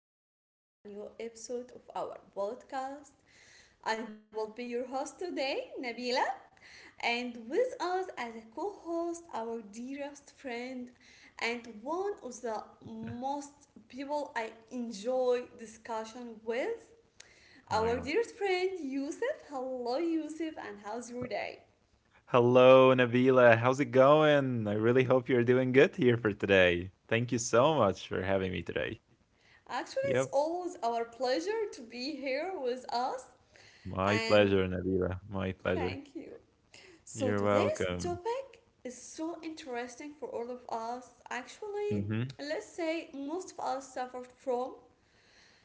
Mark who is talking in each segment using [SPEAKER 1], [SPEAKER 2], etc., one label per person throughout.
[SPEAKER 1] welcome back to a new episode of our podcast. I will be your host today, Nabila, and with us as a co host, our dearest friend, and one of the most people I enjoy discussion with,
[SPEAKER 2] Oh my
[SPEAKER 1] our
[SPEAKER 2] god.
[SPEAKER 1] dearest friend Yusuf. Hello, Yusuf, and how's your day?
[SPEAKER 2] Hello, Nabila. How's it going? I really hope you're doing good here for today. Thank you so much for having me today.
[SPEAKER 1] Actually,
[SPEAKER 2] Yep.
[SPEAKER 1] it's always our pleasure to be here with us,
[SPEAKER 2] My
[SPEAKER 1] and
[SPEAKER 2] pleasure, Nabila. My pleasure.
[SPEAKER 1] thank you. So
[SPEAKER 2] You're
[SPEAKER 1] today's
[SPEAKER 2] welcome.
[SPEAKER 1] topic is so interesting for all of us. Actually,
[SPEAKER 2] Mm-hmm.
[SPEAKER 1] let's say most of us suffered from,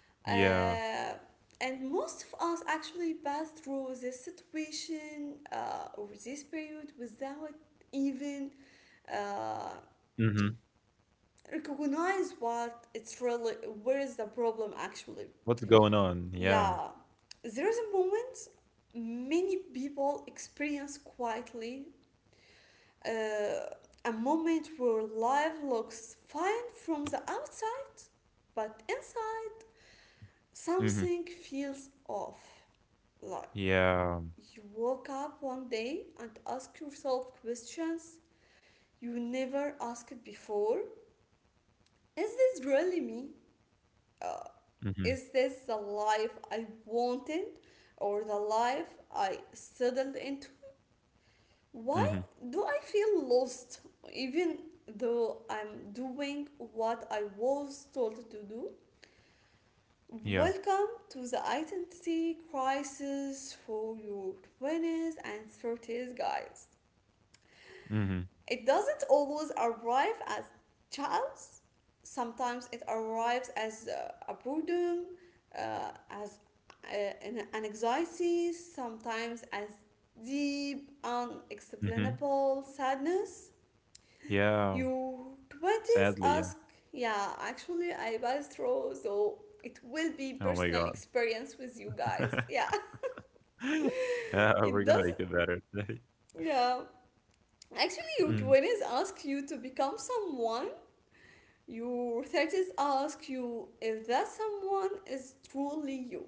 [SPEAKER 2] Yeah.
[SPEAKER 1] uh, and most of us actually passed through this situation, or this period without even uh,
[SPEAKER 2] Mm-hmm.
[SPEAKER 1] recognize what it's really, where is the problem actually.
[SPEAKER 2] What's going on? Yeah.
[SPEAKER 1] Yeah, there is a moment many people experience quietly, uh, a moment where life looks fine from the outside, but inside
[SPEAKER 2] Mm-hmm.
[SPEAKER 1] something feels off. Like
[SPEAKER 2] Yeah.
[SPEAKER 1] you woke up one day and ask yourself questions you never asked before. Is this really me? Uh,
[SPEAKER 2] Mm-hmm.
[SPEAKER 1] is this the life I wanted or the life I settled into? Why
[SPEAKER 2] Mm-hmm.
[SPEAKER 1] do I feel lost even though I'm doing what I was told to do?
[SPEAKER 2] Yeah.
[SPEAKER 1] Welcome to the identity crisis for your 20s and 30s, guys.
[SPEAKER 2] Mm-hmm.
[SPEAKER 1] It doesn't always arrive as chaos, sometimes it arrives as a boredom, as uh, an anxiety, sometimes as deep,
[SPEAKER 2] Mm-hmm.
[SPEAKER 1] unexplainable sadness.
[SPEAKER 2] Yeah.
[SPEAKER 1] You 20s
[SPEAKER 2] Sadly, yeah.
[SPEAKER 1] ask, yeah, actually, I passed through, so it will be
[SPEAKER 2] Oh my
[SPEAKER 1] personal
[SPEAKER 2] god.
[SPEAKER 1] experience with you guys. Yeah,
[SPEAKER 2] Yeah,
[SPEAKER 1] it
[SPEAKER 2] we're gonna
[SPEAKER 1] doesn't,
[SPEAKER 2] make it better today.
[SPEAKER 1] yeah. Actually, your
[SPEAKER 2] Mm.
[SPEAKER 1] 20s ask you to become someone, your 30s ask you if that someone is truly you.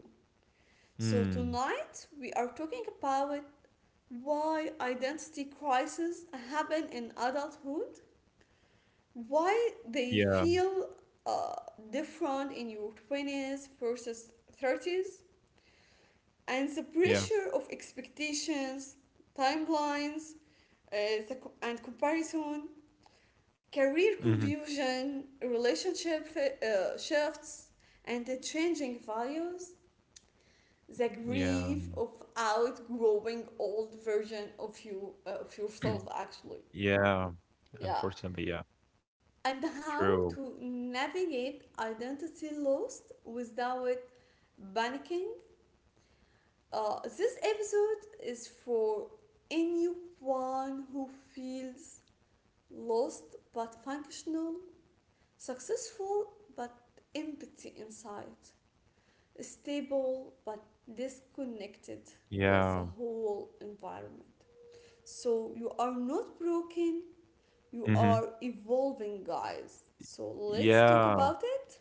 [SPEAKER 1] So,
[SPEAKER 2] Mm.
[SPEAKER 1] tonight we are talking about why identity crises happen in adulthood, why they
[SPEAKER 2] Yeah.
[SPEAKER 1] feel uh, different in your 20s versus 30s, and the
[SPEAKER 2] Yeah.
[SPEAKER 1] pressure of expectations, timelines, uh, and comparison, career
[SPEAKER 2] Mm-hmm.
[SPEAKER 1] confusion, relationship shifts, and the changing values, the
[SPEAKER 2] Yeah.
[SPEAKER 1] grief of outgrowing old version of you, of yourself actually,
[SPEAKER 2] Yeah,
[SPEAKER 1] yeah,
[SPEAKER 2] unfortunately, yeah,
[SPEAKER 1] and how
[SPEAKER 2] true.
[SPEAKER 1] to navigate identity lost without panicking. This episode is for anyone who feels lost but functional, successful but empty inside, stable but disconnected with the
[SPEAKER 2] Yeah,
[SPEAKER 1] whole environment. So you are not broken, you
[SPEAKER 2] mhm.
[SPEAKER 1] are evolving, guys. So let's talk
[SPEAKER 2] Yeah,
[SPEAKER 1] about it.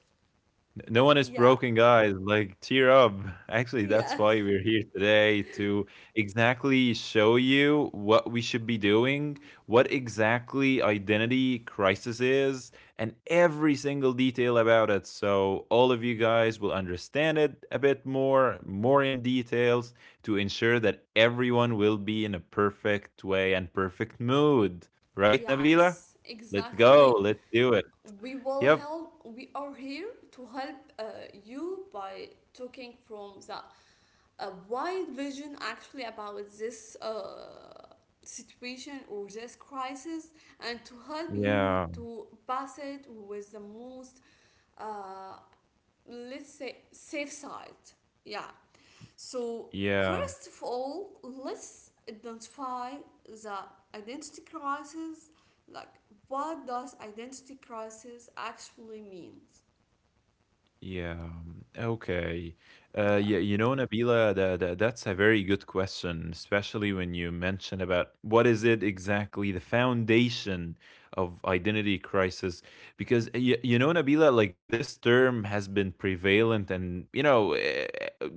[SPEAKER 2] no one is
[SPEAKER 1] Yeah,
[SPEAKER 2] broken, guys. Like, cheer up. Actually, that's why
[SPEAKER 1] yes.
[SPEAKER 2] we're here today to exactly show you what we should be doing, what exactly identity crisis is, and every single detail about it. So, all of you guys will understand it a bit more in details to ensure that everyone will be in a perfect way and perfect mood. Right, Nabila?
[SPEAKER 1] Yes,
[SPEAKER 2] Let's
[SPEAKER 1] exactly.
[SPEAKER 2] go. Let's do it.
[SPEAKER 1] We will
[SPEAKER 2] Yep.
[SPEAKER 1] help, we are here to help you by talking from the wide vision actually about this situation or this crisis, and to help you
[SPEAKER 2] Yeah.
[SPEAKER 1] to pass it with the most, uh, let's say, safe side, yeah. So
[SPEAKER 2] Yeah.
[SPEAKER 1] first of all, let's identify the identity crisis, like what does identity crisis actually mean?
[SPEAKER 2] Yeah. Okay.
[SPEAKER 1] Yeah,
[SPEAKER 2] Yeah, you know, Nabila, that's a very good question, especially when you mention about what is it exactly the foundation of identity crisis, because you know, Nabila, like this term has been prevalent, and you know,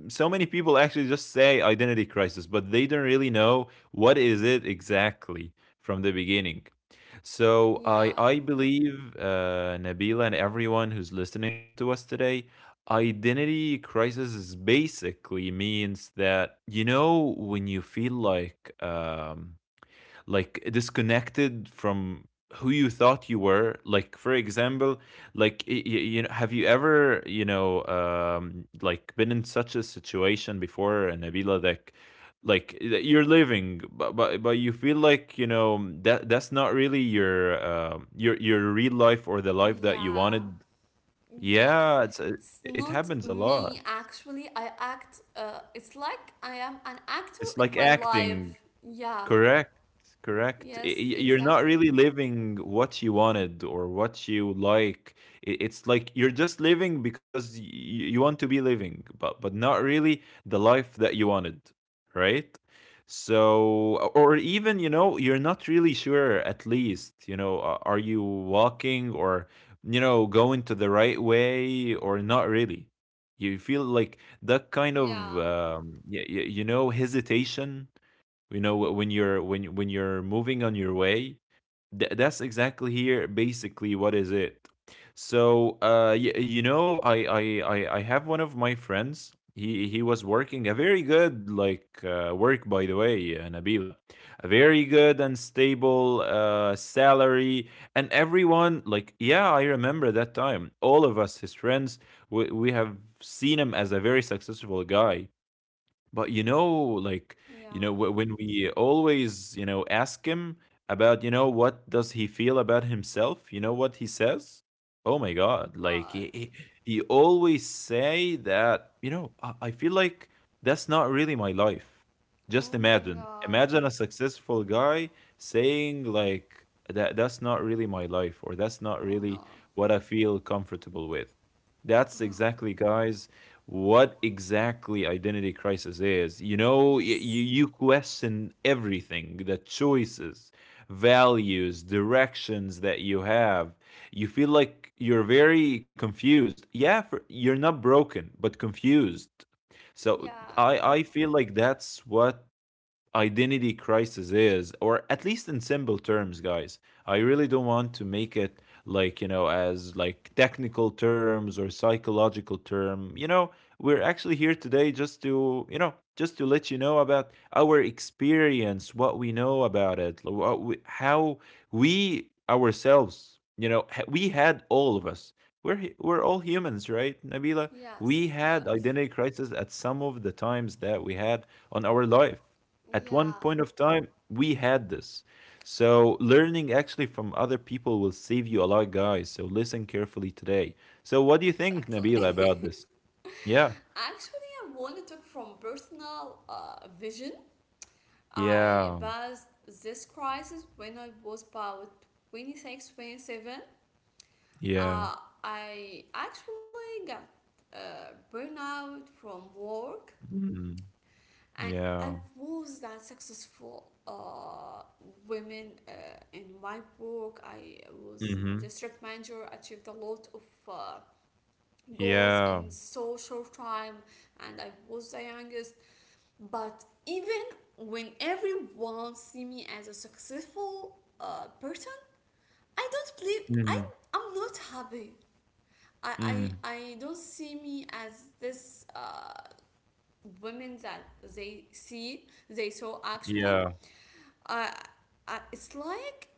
[SPEAKER 2] so many people actually just say identity crisis, but they don't really know what is it exactly from the beginning. So I
[SPEAKER 1] yeah,
[SPEAKER 2] I believe Nabila and everyone who's listening to us today. Identity crisis is basically means that you know when you feel like disconnected from who you thought you were, like for example, like you know, have you ever, you know, like been in such a situation before, Nabila, that like that you're living, but, but you feel like, you know, that that's not really your your real life or the life that you
[SPEAKER 1] yeah,
[SPEAKER 2] wanted.
[SPEAKER 1] yeah,
[SPEAKER 2] Yeah, it's,
[SPEAKER 1] it's
[SPEAKER 2] it
[SPEAKER 1] not
[SPEAKER 2] happens a
[SPEAKER 1] me
[SPEAKER 2] lot.
[SPEAKER 1] actually, I act, it's like I am an actor
[SPEAKER 2] It's
[SPEAKER 1] in
[SPEAKER 2] like
[SPEAKER 1] my
[SPEAKER 2] acting.
[SPEAKER 1] life, yeah.
[SPEAKER 2] Correct, correct.
[SPEAKER 1] Yes,
[SPEAKER 2] You're not
[SPEAKER 1] exactly,
[SPEAKER 2] really living what you wanted or what you like. It's like you're just living because you want to be living, but not really the life that you wanted, right? So, or even, you know, you're not really sure, at least, you know, are you walking or, you know, going to the right way or not really? You feel like that kind of,
[SPEAKER 1] yeah,
[SPEAKER 2] you know, hesitation, you know, when you're when you're moving on your way. That's exactly here basically what is it. So you know, I have one of my friends. He was working a very good, like work, by the way, Nabila, a very good and stable salary. And everyone, like, yeah, I remember that time, all of us, his friends, we have seen him as a very successful guy. But you know, like, you
[SPEAKER 1] yeah.
[SPEAKER 2] know, when we always, you know, ask him about, you know, what does he feel about himself, you know what he says? Oh my God. Like,
[SPEAKER 1] What?
[SPEAKER 2] he always say that, you know, I feel like that's not really my life. Just
[SPEAKER 1] Oh my
[SPEAKER 2] imagine,
[SPEAKER 1] god.
[SPEAKER 2] imagine a successful guy saying, like, that that's not really my life, or that's not
[SPEAKER 1] Oh
[SPEAKER 2] really
[SPEAKER 1] no.
[SPEAKER 2] what I feel comfortable with. That's exactly, guys, what exactly identity crisis is. You know, you,
[SPEAKER 1] Yes.
[SPEAKER 2] you question everything: the choices, values, directions that you have. You feel like you're very confused. Yeah, for, you're not broken, but confused. So
[SPEAKER 1] Yeah.
[SPEAKER 2] I feel like that's what identity crisis is, or at least in simple terms, guys. I really don't want to make it like, you know, as like technical terms or psychological term. You know, we're actually here today just to, you know, just to let you know about our experience, what we know about it, what we, how we ourselves, you know, we had all of us. We're, we're all humans, right, Nabila? We
[SPEAKER 1] Yes.
[SPEAKER 2] had
[SPEAKER 1] Yes.
[SPEAKER 2] identity crisis at some of the times that we had on our life. At one
[SPEAKER 1] Yeah.
[SPEAKER 2] point of time, we had this. So learning actually from other people will save you a lot, guys. So listen carefully today. So what do you think,
[SPEAKER 1] Exactly.
[SPEAKER 2] Nabila, about this? Yeah.
[SPEAKER 1] Actually, I wanted to talk from personal vision. I
[SPEAKER 2] Yeah.
[SPEAKER 1] passed this crisis when I was about 26, 27.
[SPEAKER 2] Yeah.
[SPEAKER 1] Uh, I actually got burnout from work,
[SPEAKER 2] Mm.
[SPEAKER 1] and I
[SPEAKER 2] Yeah.
[SPEAKER 1] was that successful women in my book. I was
[SPEAKER 2] Mm-hmm.
[SPEAKER 1] district manager, achieved a lot of uh, goals in
[SPEAKER 2] Yeah.
[SPEAKER 1] so short time, and I was the youngest. But even when everyone see me as a successful person, I don't believe I,
[SPEAKER 2] Mm-hmm.
[SPEAKER 1] I'm not happy. I
[SPEAKER 2] Mm-hmm.
[SPEAKER 1] I don't see me as this. Women that they see, they saw actually,
[SPEAKER 2] Yeah.
[SPEAKER 1] uh, it's like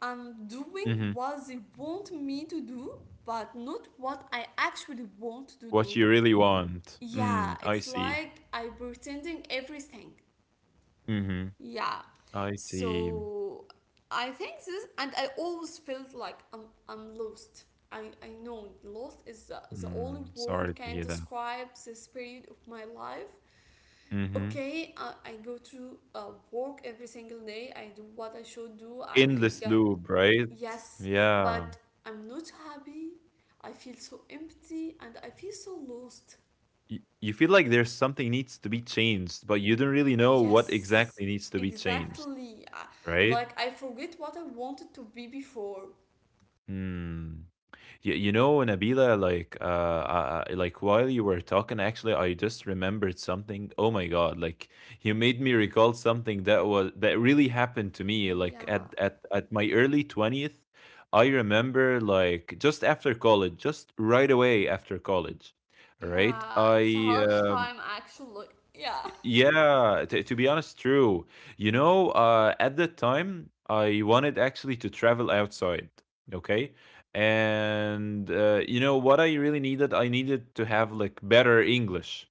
[SPEAKER 1] I'm doing
[SPEAKER 2] Mm-hmm.
[SPEAKER 1] what they want me to do, but not what I actually want to
[SPEAKER 2] What
[SPEAKER 1] do,
[SPEAKER 2] you really want.
[SPEAKER 1] yeah.
[SPEAKER 2] Mm, I
[SPEAKER 1] It's
[SPEAKER 2] see.
[SPEAKER 1] like I pretending everything,
[SPEAKER 2] Mm-hmm.
[SPEAKER 1] yeah.
[SPEAKER 2] I see.
[SPEAKER 1] So I think this, and I always felt like I'm lost. I know lost is the only
[SPEAKER 2] Mm, sorry
[SPEAKER 1] word
[SPEAKER 2] to
[SPEAKER 1] can
[SPEAKER 2] hear that.
[SPEAKER 1] describe this period of my life.
[SPEAKER 2] Mm-hmm.
[SPEAKER 1] Okay, I go to work every single day, I do what I should do, I
[SPEAKER 2] Endless
[SPEAKER 1] got.
[SPEAKER 2] loop, right?
[SPEAKER 1] Yes,
[SPEAKER 2] Yeah.
[SPEAKER 1] but I'm not happy, I feel so empty and I feel so lost.
[SPEAKER 2] You feel like there's something needs to be changed, but you don't really know what
[SPEAKER 1] Yes
[SPEAKER 2] exactly needs to be changed,
[SPEAKER 1] exactly.
[SPEAKER 2] right?
[SPEAKER 1] Like I forget what I wanted to be before,
[SPEAKER 2] Hmm. You know, Nabila, like while you were talking, actually, I just remembered something. Oh my God! Like, you made me recall something that was that really happened to me. Like
[SPEAKER 1] yeah.
[SPEAKER 2] at my early twentieth, I remember, like, just after college, just right away after college, right?
[SPEAKER 1] Yeah, it's a
[SPEAKER 2] I
[SPEAKER 1] harsh time actually, yeah,
[SPEAKER 2] Yeah, to be honest, true. You know, at that time, I wanted actually to travel outside, okay? And you know what I really needed? I needed to have, like, better English.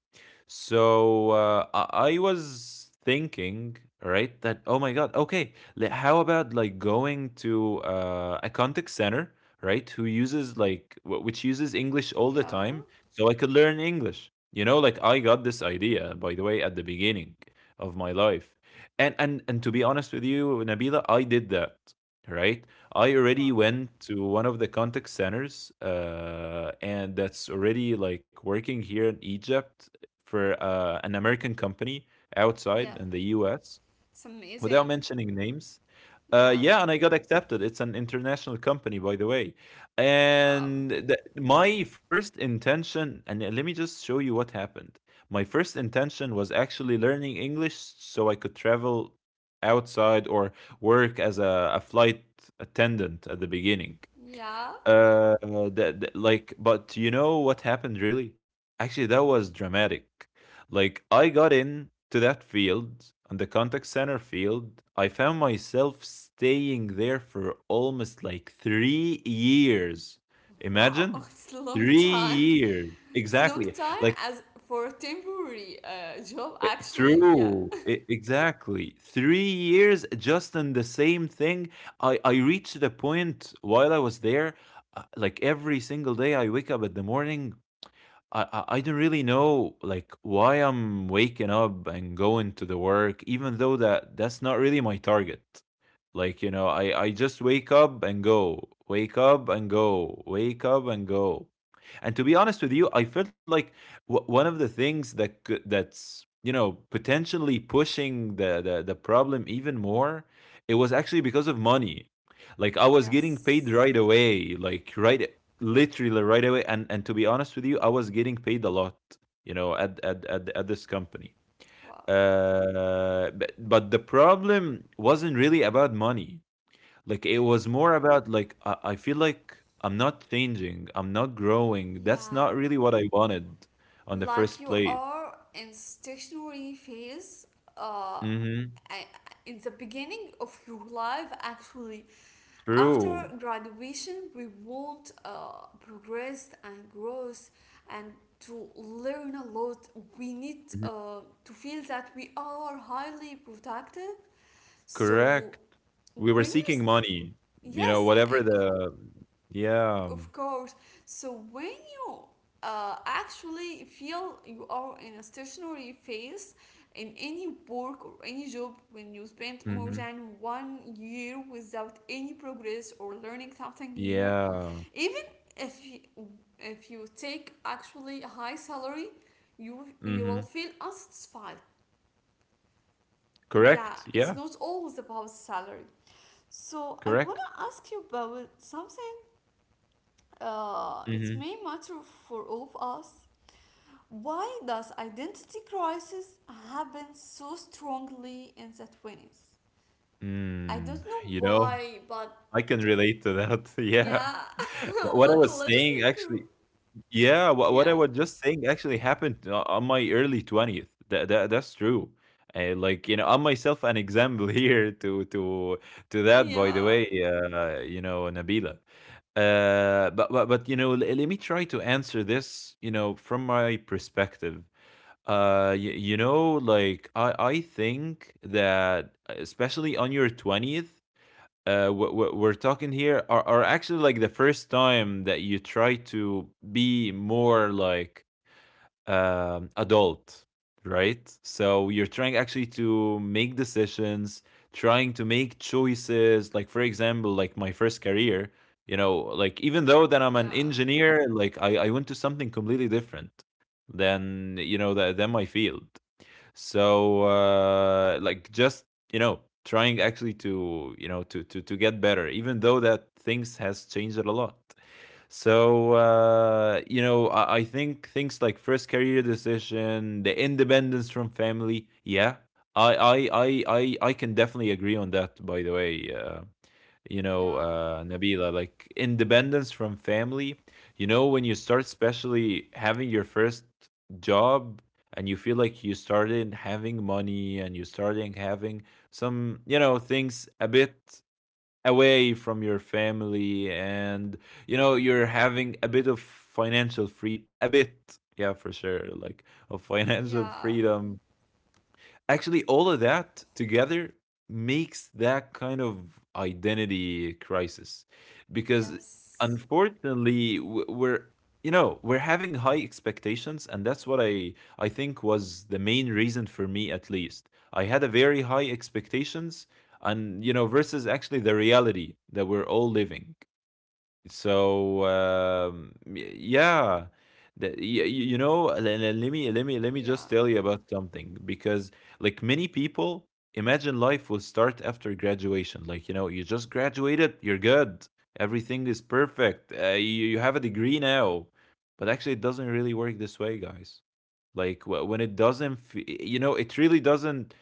[SPEAKER 2] So I was thinking, right, that oh my God, okay, how about, like, going to a contact center, right, who uses, like, which uses English all the
[SPEAKER 1] yeah.
[SPEAKER 2] time, so I could learn English. You know, like I got this idea, by the way, at the beginning of my life. And to be honest with you, Nabila, I did that, right? I already
[SPEAKER 1] Wow.
[SPEAKER 2] went to one of the contact centers, and that's already like working here in Egypt for an American company
[SPEAKER 1] Yeah,
[SPEAKER 2] outside in the US
[SPEAKER 1] it's
[SPEAKER 2] without
[SPEAKER 1] amazing,
[SPEAKER 2] mentioning names.
[SPEAKER 1] yeah.
[SPEAKER 2] Yeah, and I got accepted. It's an international company, by the way.
[SPEAKER 1] Wow.
[SPEAKER 2] And my first intention, and let me just show you what happened. My first intention was actually learning English so I could travel outside or work as a flight attendant at the beginning.
[SPEAKER 1] Yeah.
[SPEAKER 2] But you know what happened really? Actually, that was dramatic. Like, I got in to that field, on the contact center field. I found myself staying there for almost like 3 years.
[SPEAKER 1] Wow.
[SPEAKER 2] Imagine,
[SPEAKER 1] It's a long
[SPEAKER 2] three
[SPEAKER 1] time.
[SPEAKER 2] years.
[SPEAKER 1] It's long
[SPEAKER 2] Exactly.
[SPEAKER 1] time
[SPEAKER 2] Like
[SPEAKER 1] as for a temporary job, actually. Yeah.
[SPEAKER 2] True, exactly, 3 years just in the same thing. I reached the point while I was there, like every single day I wake up at the morning. I don't really know like why I'm waking up and going to the work, even though that that's not really my target. Like, you know, I just wake up and go, wake up and go, wake up and go. And to be honest with you, I felt like one of the things that could, that's, you know, potentially pushing the problem even more, it was actually because of money. Like I was getting paid
[SPEAKER 1] Yes.
[SPEAKER 2] right away, like right, literally right away. And to be honest with you, I was getting paid a lot, you know, at this company.
[SPEAKER 1] Wow.
[SPEAKER 2] But the problem wasn't really about money, like it was more about like I feel like I'm not changing, I'm not growing. That's
[SPEAKER 1] Yeah.
[SPEAKER 2] not really what I wanted on the
[SPEAKER 1] Like
[SPEAKER 2] first
[SPEAKER 1] you
[SPEAKER 2] plate.
[SPEAKER 1] are in stationary phase. Uh,
[SPEAKER 2] Mm-hmm.
[SPEAKER 1] I- in the beginning of your life, actually. After
[SPEAKER 2] True.
[SPEAKER 1] graduation, we want progress and growth, and to learn a lot. We need
[SPEAKER 2] Mhm.
[SPEAKER 1] to feel that we are highly productive. So
[SPEAKER 2] Correct. We were
[SPEAKER 1] when you s-,
[SPEAKER 2] seeking money, you know,
[SPEAKER 1] yes, I,
[SPEAKER 2] whatever
[SPEAKER 1] of,
[SPEAKER 2] the, yeah.
[SPEAKER 1] of course. So when you actually feel you are in a stationary phase in any work or any job, when you spend more
[SPEAKER 2] Mm-hmm.
[SPEAKER 1] than one year without any progress or learning something new,
[SPEAKER 2] Yeah.
[SPEAKER 1] even if you, if you take actually a high salary, you
[SPEAKER 2] Mm-hmm.
[SPEAKER 1] will feel unsatisfied, yeah.
[SPEAKER 2] Correct.
[SPEAKER 1] It's
[SPEAKER 2] Yeah.
[SPEAKER 1] not always about salary. So I
[SPEAKER 2] Correct.
[SPEAKER 1] wanna ask you about something. It
[SPEAKER 2] Mm-hmm.
[SPEAKER 1] may matter for all of us. Why does identity crisis happen so strongly in the 20s? I
[SPEAKER 2] Mm,
[SPEAKER 1] don't know
[SPEAKER 2] you know,
[SPEAKER 1] why, but
[SPEAKER 2] I can relate to that.
[SPEAKER 1] yeah,
[SPEAKER 2] Yeah.
[SPEAKER 1] I want
[SPEAKER 2] What I
[SPEAKER 1] to
[SPEAKER 2] was
[SPEAKER 1] listen
[SPEAKER 2] saying
[SPEAKER 1] through.
[SPEAKER 2] actually, yeah,
[SPEAKER 1] Yeah,
[SPEAKER 2] what I was just saying actually happened o on my early 20th. That that that's true. Like, you know, I'm myself an example here to that, by
[SPEAKER 1] yeah,
[SPEAKER 2] the way, you know, Nabila. But you know, let me try to answer this, you know, from my perspective. You, you know, like I think that especially on your 20th, what we're talking here are actually like the first time that you try to be more like adult, right? So you're trying actually to make decisions, trying to make choices. Like for example, like my first career, you know, like even though that I'm
[SPEAKER 1] yeah,
[SPEAKER 2] an engineer, like I went to something completely different than you know than my field. So like, just, you know, trying actually to, you know, to get better, even though that things has changed a lot. So you know, I think things like first career decision, the independence from family. Yeah, I can definitely agree on that, by the way, you know,
[SPEAKER 1] yeah,
[SPEAKER 2] Nabila, like independence from family. You know, when you start, especially having your first job and you feel like you started having money and you starting having some, you know, things a bit away from your family and, you know, you're having a bit of financial free, a bit, yeah, for sure, like of financial
[SPEAKER 1] yeah,
[SPEAKER 2] freedom. Actually, all of that together makes that kind of identity crisis because
[SPEAKER 1] yes,
[SPEAKER 2] unfortunately we're we're having high expectations, and that's what I think was the main reason for me, at least. I had a very high expectations, and you know, versus actually the reality that we're all living. So yeah, the, y- y- you know, le- le- let me let me
[SPEAKER 1] yeah.
[SPEAKER 2] just tell you about something, because like many people imagine life will start after graduation. Like you know, you just graduated, you're good, everything is perfect. You have a degree now, but actually, it doesn't really work this way, guys. Like when it doesn't, it really doesn't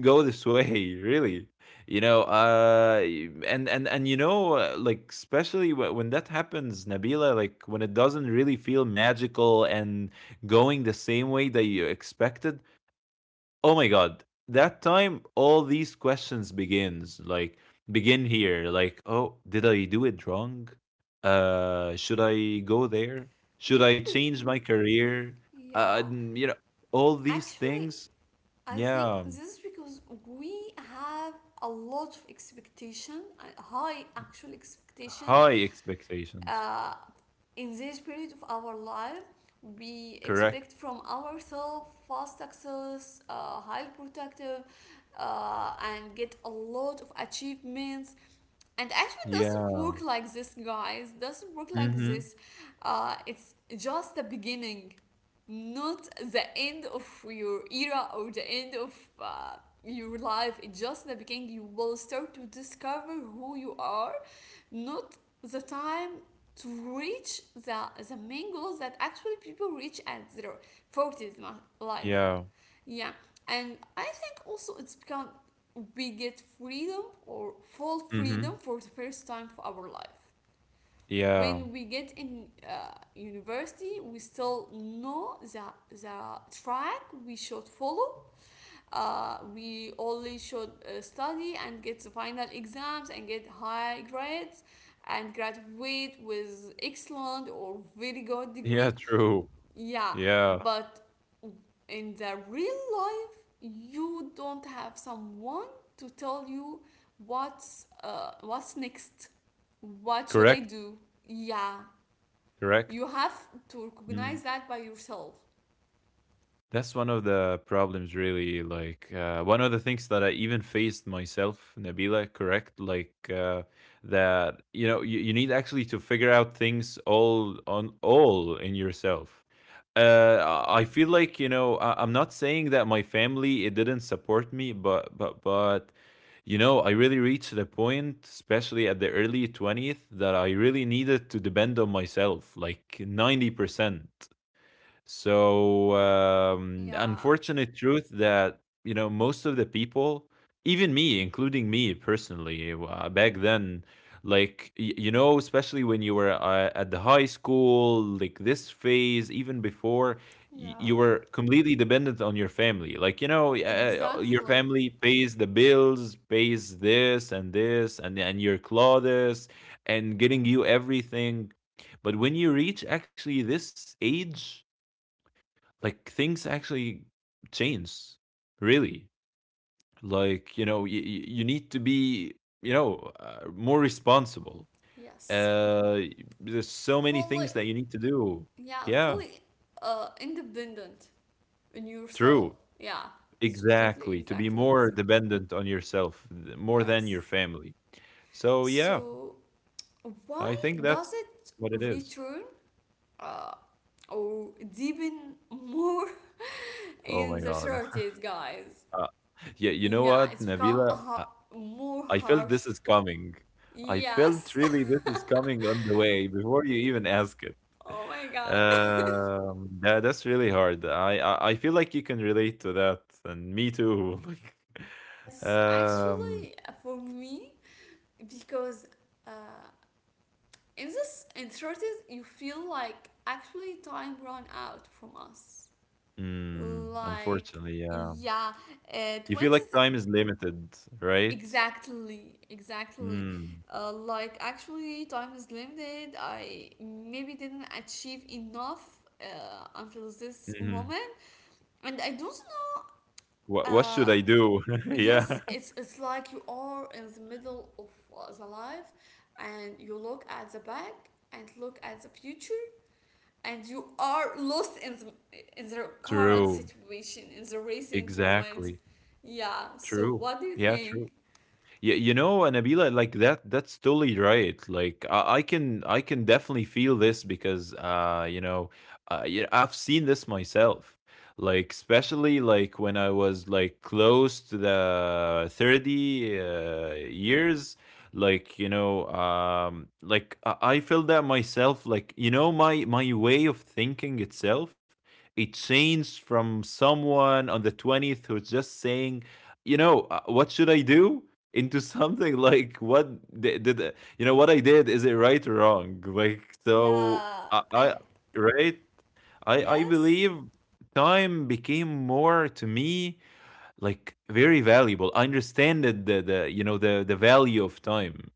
[SPEAKER 2] go this way, really. You know and you know Like especially when that happens, Nabila, like when it doesn't really feel magical and going the same way that you expected. Oh my god, that time all these questions begin here, like, oh, did I do it wrong? Should I go there? Should
[SPEAKER 1] Maybe
[SPEAKER 2] I
[SPEAKER 1] we,
[SPEAKER 2] change my career?
[SPEAKER 1] yeah.
[SPEAKER 2] You know, all these
[SPEAKER 1] Actually,
[SPEAKER 2] things.
[SPEAKER 1] I think
[SPEAKER 2] Yeah.
[SPEAKER 1] this is because we have a lot of expectation, high actual expectations
[SPEAKER 2] High expectations.
[SPEAKER 1] uh, in this period of our life. We
[SPEAKER 2] Correct.
[SPEAKER 1] expect from ourselves fast access, highly protective, and get a lot of achievements, and actually doesn't
[SPEAKER 2] Yeah.
[SPEAKER 1] work like this, guys, doesn't work like
[SPEAKER 2] Mm-hmm.
[SPEAKER 1] this. It's just the beginning, not the end of your era or the end of uh, your life. It's just the beginning, you will start to discover who you are, not the time to reach the main goals that actually people reach at their 40s, ma- like,
[SPEAKER 2] Yeah.
[SPEAKER 1] yeah. And I think also it's become, we get freedom or full freedom
[SPEAKER 2] Mm-hmm.
[SPEAKER 1] for the first time for our life.
[SPEAKER 2] Yeah.
[SPEAKER 1] When we get in university, we still know the track we should follow. We only should study and get the final exams and get high grades, and graduate with excellent or very good
[SPEAKER 2] Yeah,
[SPEAKER 1] degree,
[SPEAKER 2] true.
[SPEAKER 1] yeah.
[SPEAKER 2] Yeah.
[SPEAKER 1] But in the real life, you don't have someone to tell you what's next, what should I
[SPEAKER 2] Correct.
[SPEAKER 1] do, yeah.
[SPEAKER 2] Correct.
[SPEAKER 1] You have to
[SPEAKER 2] Mm.
[SPEAKER 1] recognize that by yourself.
[SPEAKER 2] That's one of the problems, really. Like, one of the things that I even faced myself, Nabila, correct? Like, that, you know, you need actually to figure out things all in yourself. Uh, I feel like, you know, I'm not saying that my family, it didn't support me, but, you know, I really reached a point, especially at the early 20th, that I really needed to depend on myself, like 90%. So,
[SPEAKER 1] Yeah,
[SPEAKER 2] unfortunate truth that, you know, most of the people, even me, including me personally, back then, like, you know, especially when you were at the high school, like this phase, even before, you
[SPEAKER 1] yeah,
[SPEAKER 2] were completely dependent on your family. Like, you know, your
[SPEAKER 1] exactly,
[SPEAKER 2] family pays the bills, pays this and this, and your clothes, and getting you everything. But when you reach actually this age, like things actually change, really. Like you know you need to be, you know, more responsible.
[SPEAKER 1] yes.
[SPEAKER 2] uh there's so many
[SPEAKER 1] Fully,
[SPEAKER 2] things that you need to do.
[SPEAKER 1] yeah,
[SPEAKER 2] Yeah,
[SPEAKER 1] fully independent in yourself,
[SPEAKER 2] true.
[SPEAKER 1] yeah. It's totally
[SPEAKER 2] Exactly, to be
[SPEAKER 1] exactly with
[SPEAKER 2] more
[SPEAKER 1] you,
[SPEAKER 2] dependent on yourself more than your
[SPEAKER 1] yes.
[SPEAKER 2] family. So yeah,
[SPEAKER 1] So why
[SPEAKER 2] I think
[SPEAKER 1] does
[SPEAKER 2] that's
[SPEAKER 1] it
[SPEAKER 2] what it is.
[SPEAKER 1] return uh or deepen more
[SPEAKER 2] Oh
[SPEAKER 1] in
[SPEAKER 2] my
[SPEAKER 1] the
[SPEAKER 2] god.
[SPEAKER 1] 30s, guys?
[SPEAKER 2] uh, yeah, you know
[SPEAKER 1] Yeah,
[SPEAKER 2] what,
[SPEAKER 1] it's become a
[SPEAKER 2] Nabila,
[SPEAKER 1] ha- more
[SPEAKER 2] I felt
[SPEAKER 1] harsh,
[SPEAKER 2] this is coming. I felt
[SPEAKER 1] yes.
[SPEAKER 2] really this is coming on the way before you even ask it.
[SPEAKER 1] Oh my god.
[SPEAKER 2] That, that's really hard. I feel like you can relate to that, and me too. Like,
[SPEAKER 1] Yes,
[SPEAKER 2] um,
[SPEAKER 1] actually for me, because uh, in this, in 30s, you feel like actually time run out from us.
[SPEAKER 2] mm,
[SPEAKER 1] Like
[SPEAKER 2] unfortunately, yeah.
[SPEAKER 1] yeah,
[SPEAKER 2] You feel like
[SPEAKER 1] twenties,
[SPEAKER 2] time is limited, right?
[SPEAKER 1] exactly, exactly.
[SPEAKER 2] Mm,
[SPEAKER 1] Like actually time is limited, I maybe didn't achieve enough until this
[SPEAKER 2] hmm.
[SPEAKER 1] moment, and I don't know.
[SPEAKER 2] What should
[SPEAKER 1] Uh,
[SPEAKER 2] I do?
[SPEAKER 1] yes,
[SPEAKER 2] Yeah.
[SPEAKER 1] it's like you are in the middle of the life, and you look at the back and look at the future, and you are lost in the current
[SPEAKER 2] True.
[SPEAKER 1] situation in the recent moment,
[SPEAKER 2] Exactly.
[SPEAKER 1] yeah. So
[SPEAKER 2] True.
[SPEAKER 1] what do you
[SPEAKER 2] Yeah. True.
[SPEAKER 1] think?
[SPEAKER 2] You know, Nabila, like that's totally right. Like I can definitely feel this because you know, yeah, I've seen this myself. Like especially like when I was like close to the 30 years, like you know, like I feel that myself, like you know, my way of thinking itself, it changed from someone on the 20th who's just saying, you know, what should I do? Into something like what did, you know, what I did? Is it right or wrong? Like so,
[SPEAKER 1] Yeah. And
[SPEAKER 2] I, right? I
[SPEAKER 1] yes,
[SPEAKER 2] believe time became more to me, like very valuable. I understand the the value of time,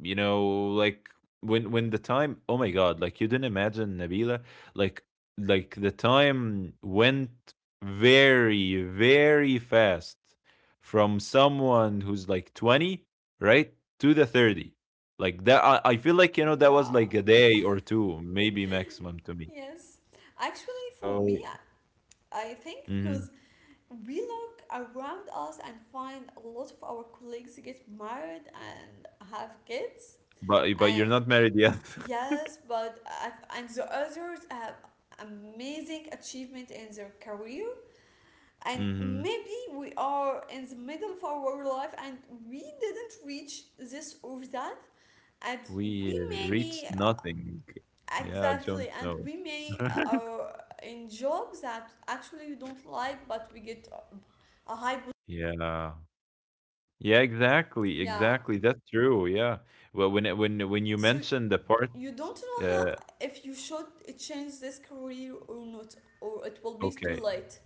[SPEAKER 2] you know, like when the time, oh my god, like you didn't imagine, Nabila, like like the time went very very fast from someone who's like 20, right, to the 30. Like that I feel like, you know, that was
[SPEAKER 1] yeah,
[SPEAKER 2] like a day or two maybe maximum to me.
[SPEAKER 1] yes. Actually for
[SPEAKER 2] So
[SPEAKER 1] me, I think
[SPEAKER 2] mhm.
[SPEAKER 1] because we look around us and find a lot of our colleagues get married and have kids,
[SPEAKER 2] But you're
[SPEAKER 1] and
[SPEAKER 2] not married yet.
[SPEAKER 1] yes, but I, and the others have amazing achievement in their career, and
[SPEAKER 2] Hmm.
[SPEAKER 1] maybe we are in the middle of our life and we didn't reach this or that, and
[SPEAKER 2] We
[SPEAKER 1] we may
[SPEAKER 2] reached
[SPEAKER 1] be,
[SPEAKER 2] nothing. Yeah, Jones,
[SPEAKER 1] exactly, and
[SPEAKER 2] no.
[SPEAKER 1] we may are in jobs that actually you don't like but we get a high,
[SPEAKER 2] Yeah. Yeah, exactly,
[SPEAKER 1] yeah.
[SPEAKER 2] exactly. That's true. Yeah. Well, when it, when you
[SPEAKER 1] So
[SPEAKER 2] mentioned the part,
[SPEAKER 1] you don't know how,
[SPEAKER 2] uh,
[SPEAKER 1] if you should change this career or not, or it will be too
[SPEAKER 2] okay.
[SPEAKER 1] late,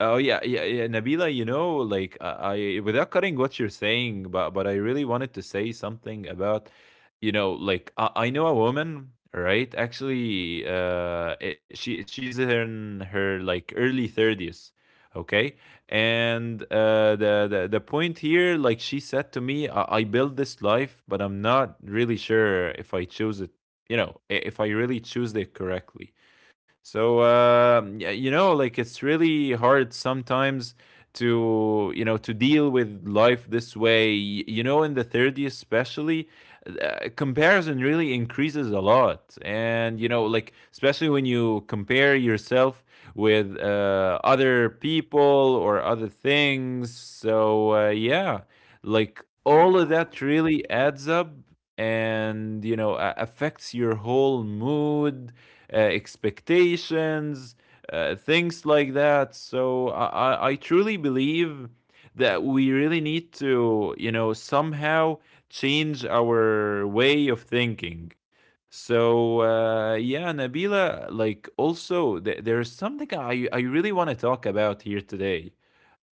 [SPEAKER 2] Oh yeah, yeah, yeah, Nabila. You know, like I, without cutting what you're saying, but I really wanted to say something about, you know, like I know a woman, right? Actually, she she's in her like early 30s, okay. And the the point here, like she said to me, I built this life, but I'm not really sure if I choose it. You know, if I really choose it correctly. So you know, like it's really hard sometimes to, you know, to deal with life this way. You know, in the 30s especially, comparison really increases a lot, and you know, like especially when you compare yourself with other people or other things. So yeah, like all of
[SPEAKER 1] yeah.
[SPEAKER 2] that really adds up and you know affects your whole mood, expectations, things like that. So I truly believe that we really need to, you know, somehow change our way of thinking. So yeah, Nabila, like also there's something I really want to talk about here today.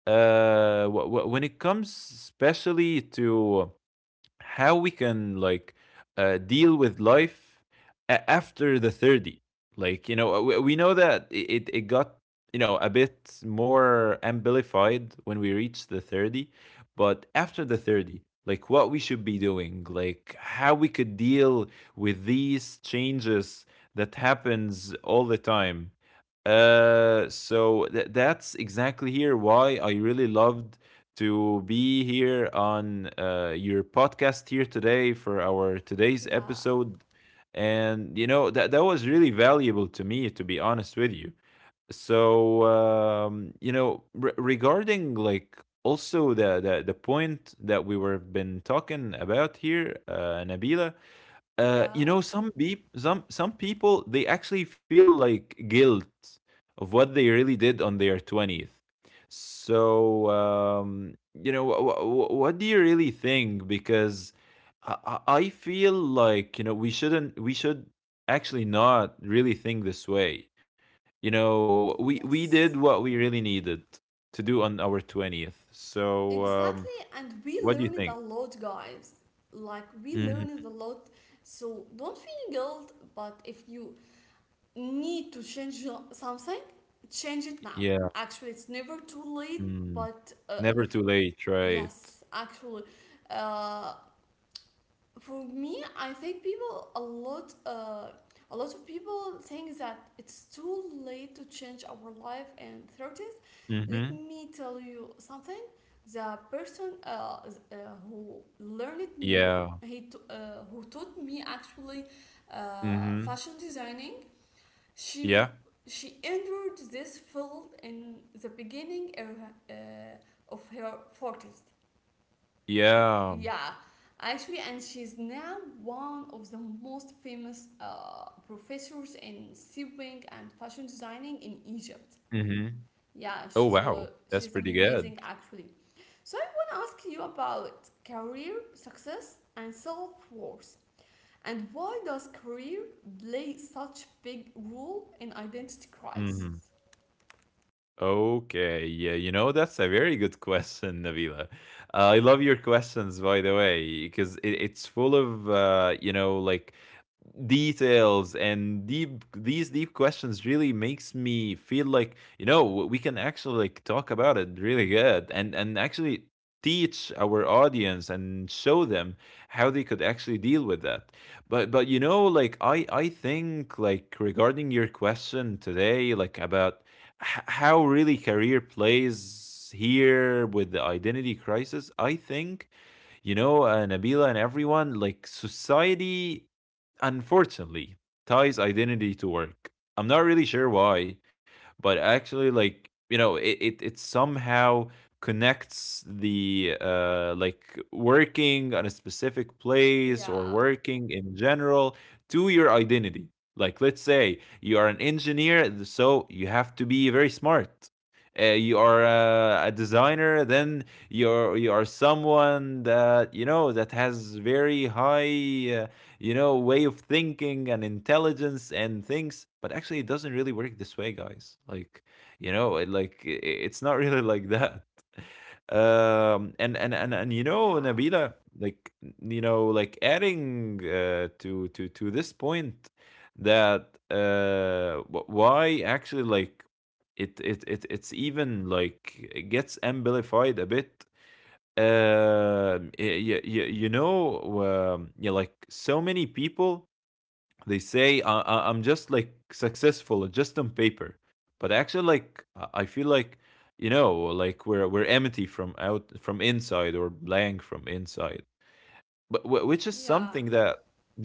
[SPEAKER 2] When it comes especially to how we can like deal with life after the 30, like you know, we know that it got, you know, a bit more amplified when we reached the 30, but after the 30, like what we should be doing, like how we could deal with these changes that happens all the time. So that's exactly here why I really loved to be here on your podcast here today for our today's
[SPEAKER 1] Yeah.
[SPEAKER 2] episode. And you know that that was really valuable to me, to be honest with you. So you know, regarding like also the, the point that we were been talking about here, Nabila, you
[SPEAKER 1] Yeah.
[SPEAKER 2] know, some beep, some people, they actually feel like guilt of what they really did on their 20th. So you know, what do you really think? Because I, I feel like, you know, we shouldn't we should actually not really think this way. You know, we did
[SPEAKER 1] Yes.
[SPEAKER 2] what we really needed to do on our 20th. So um,
[SPEAKER 1] Exactly, and we
[SPEAKER 2] what do you
[SPEAKER 1] learn it a
[SPEAKER 2] think?
[SPEAKER 1] lot, guys. Like, we learn
[SPEAKER 2] Mhm.
[SPEAKER 1] it a lot. So, don't feel guilt, but if you need to change something, change it now.
[SPEAKER 2] Yeah,
[SPEAKER 1] Actually, it's never too late,
[SPEAKER 2] mm,
[SPEAKER 1] but
[SPEAKER 2] never too late, right?
[SPEAKER 1] yes, actually, uh, for me, I think people a lot of people think that it's too late to change our life and thirties. Let
[SPEAKER 2] Mhm.
[SPEAKER 1] me tell you something. The person who learned m-
[SPEAKER 2] Yeah.
[SPEAKER 1] he t- who taught me actually
[SPEAKER 2] Mhm.
[SPEAKER 1] fashion designing. She
[SPEAKER 2] Yeah.
[SPEAKER 1] she entered this field in the beginning uh, of her forties,
[SPEAKER 2] Yeah.
[SPEAKER 1] yeah, actually, and she's now one of the most famous professors in sewing and fashion designing in Egypt.
[SPEAKER 2] Mhm.
[SPEAKER 1] Yeah,
[SPEAKER 2] Oh,
[SPEAKER 1] so
[SPEAKER 2] wow. That's
[SPEAKER 1] she's
[SPEAKER 2] pretty good.
[SPEAKER 1] amazing actually. So I want to ask you about career success and self worth, and why does career play such big role in identity
[SPEAKER 2] Mhm.
[SPEAKER 1] crisis?
[SPEAKER 2] Okay, yeah, you know, that's a very good question, Nabila. I love your questions, by the way, because it's full of, you know, like details and deep, these deep questions really makes me feel like, you know, we can actually like talk about it really good, and actually teach our audience and show them how they could actually deal with that. But you know, like I think, like regarding your question today, like about how really career plays here with the identity crisis, I think, you know, Nabila and everyone, like society, unfortunately, ties identity to work. I'm not really sure why, but actually, like, you know, it somehow connects the like working on a specific place or
[SPEAKER 1] Yeah,
[SPEAKER 2] working in general to your identity. Like, let's say you are an engineer, so you have to be very smart. You are a designer, then you are someone that, you know, that has very high, you know, way of thinking and intelligence and things. But actually it doesn't really work this way, guys. Like you know like it's not really like that. And you know,
[SPEAKER 1] yeah,
[SPEAKER 2] Nabila, like you know, like adding to to this point that why actually, like it it's even like it gets amplified a bit. You, know, yeah, like so many people, they say I'm just like successful just on paper, but actually like I feel like, you know, like we're empty from out, from inside, or blank from inside. But which is
[SPEAKER 1] yeah.
[SPEAKER 2] something that,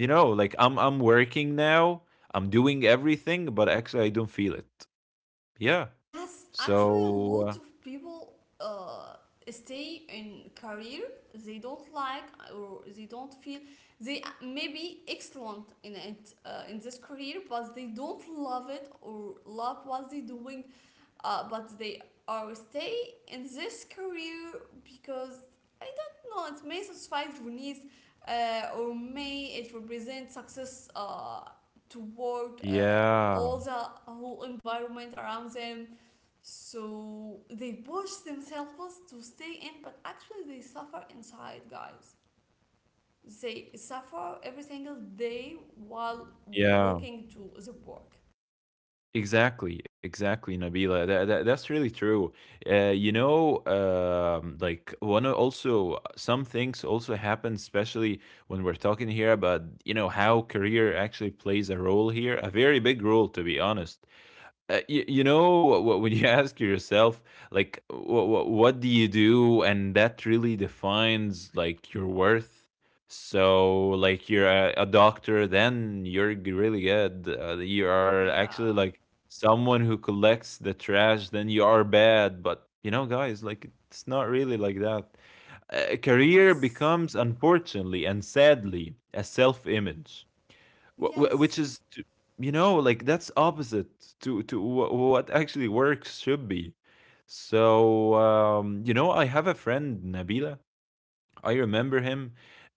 [SPEAKER 2] you know, like I'm working now, I'm doing everything, but actually I don't feel it. Yeah,
[SPEAKER 1] Yes,
[SPEAKER 2] so
[SPEAKER 1] actually, a lot of people uh, stay in career they don't like, or they don't feel. They may be excellent in it, in this career, but they don't love it or love what they're doing. But they are stay in this career because I don't know, it may satisfy their needs, or may it represent success toward
[SPEAKER 2] yeah.
[SPEAKER 1] all the whole environment around them. So they push themselves to stay in, but actually they suffer inside, guys. They suffer every single day while
[SPEAKER 2] Yeah.
[SPEAKER 1] walking to the work.
[SPEAKER 2] Exactly, exactly, Nabila. That, that's really true. You know, like one also some things also happen, especially when we're talking here about, you know, how career actually plays a role here, a very big role to be honest. When you ask yourself like what do you do, and that really defines like your worth. So like you're a doctor, then you're really good. You are
[SPEAKER 1] Yeah.
[SPEAKER 2] actually like someone who collects the trash, then you are bad. But you know, guys, like, it's not really like that. A career
[SPEAKER 1] Yes.
[SPEAKER 2] becomes, unfortunately and sadly, a self-image. Wh- wh- which
[SPEAKER 1] Yes.
[SPEAKER 2] is t- you know Like that's opposite to what actually works should be. So you know, I have a friend, Nabila, I remember him.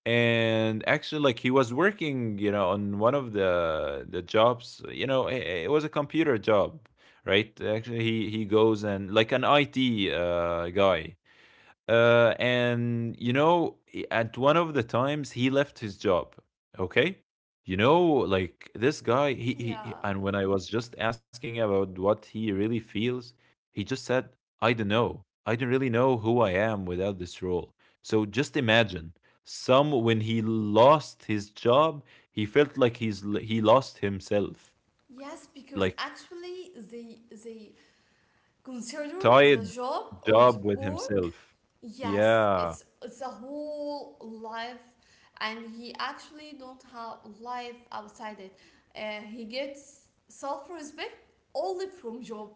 [SPEAKER 2] And actually, like, he was working, you know, on one of the jobs. You know, it was a computer job. Right, actually he goes, and like an IT guy. And you know, at one of the times he left his job. Okay, you know, like this guy.
[SPEAKER 1] Yeah.
[SPEAKER 2] And when I was just asking about what he really feels, he just said, "I don't know. I don't really know who I am without this role." So just imagine, some when he lost his job, he felt like he lost himself,
[SPEAKER 1] Yes, because
[SPEAKER 2] like
[SPEAKER 1] actually they consider the
[SPEAKER 2] tied
[SPEAKER 1] job or the
[SPEAKER 2] job with
[SPEAKER 1] work.
[SPEAKER 2] himself.
[SPEAKER 1] Yes, it's
[SPEAKER 2] Yeah,
[SPEAKER 1] it's a whole life, and he actually don't have life outside it. He gets self respect only from job.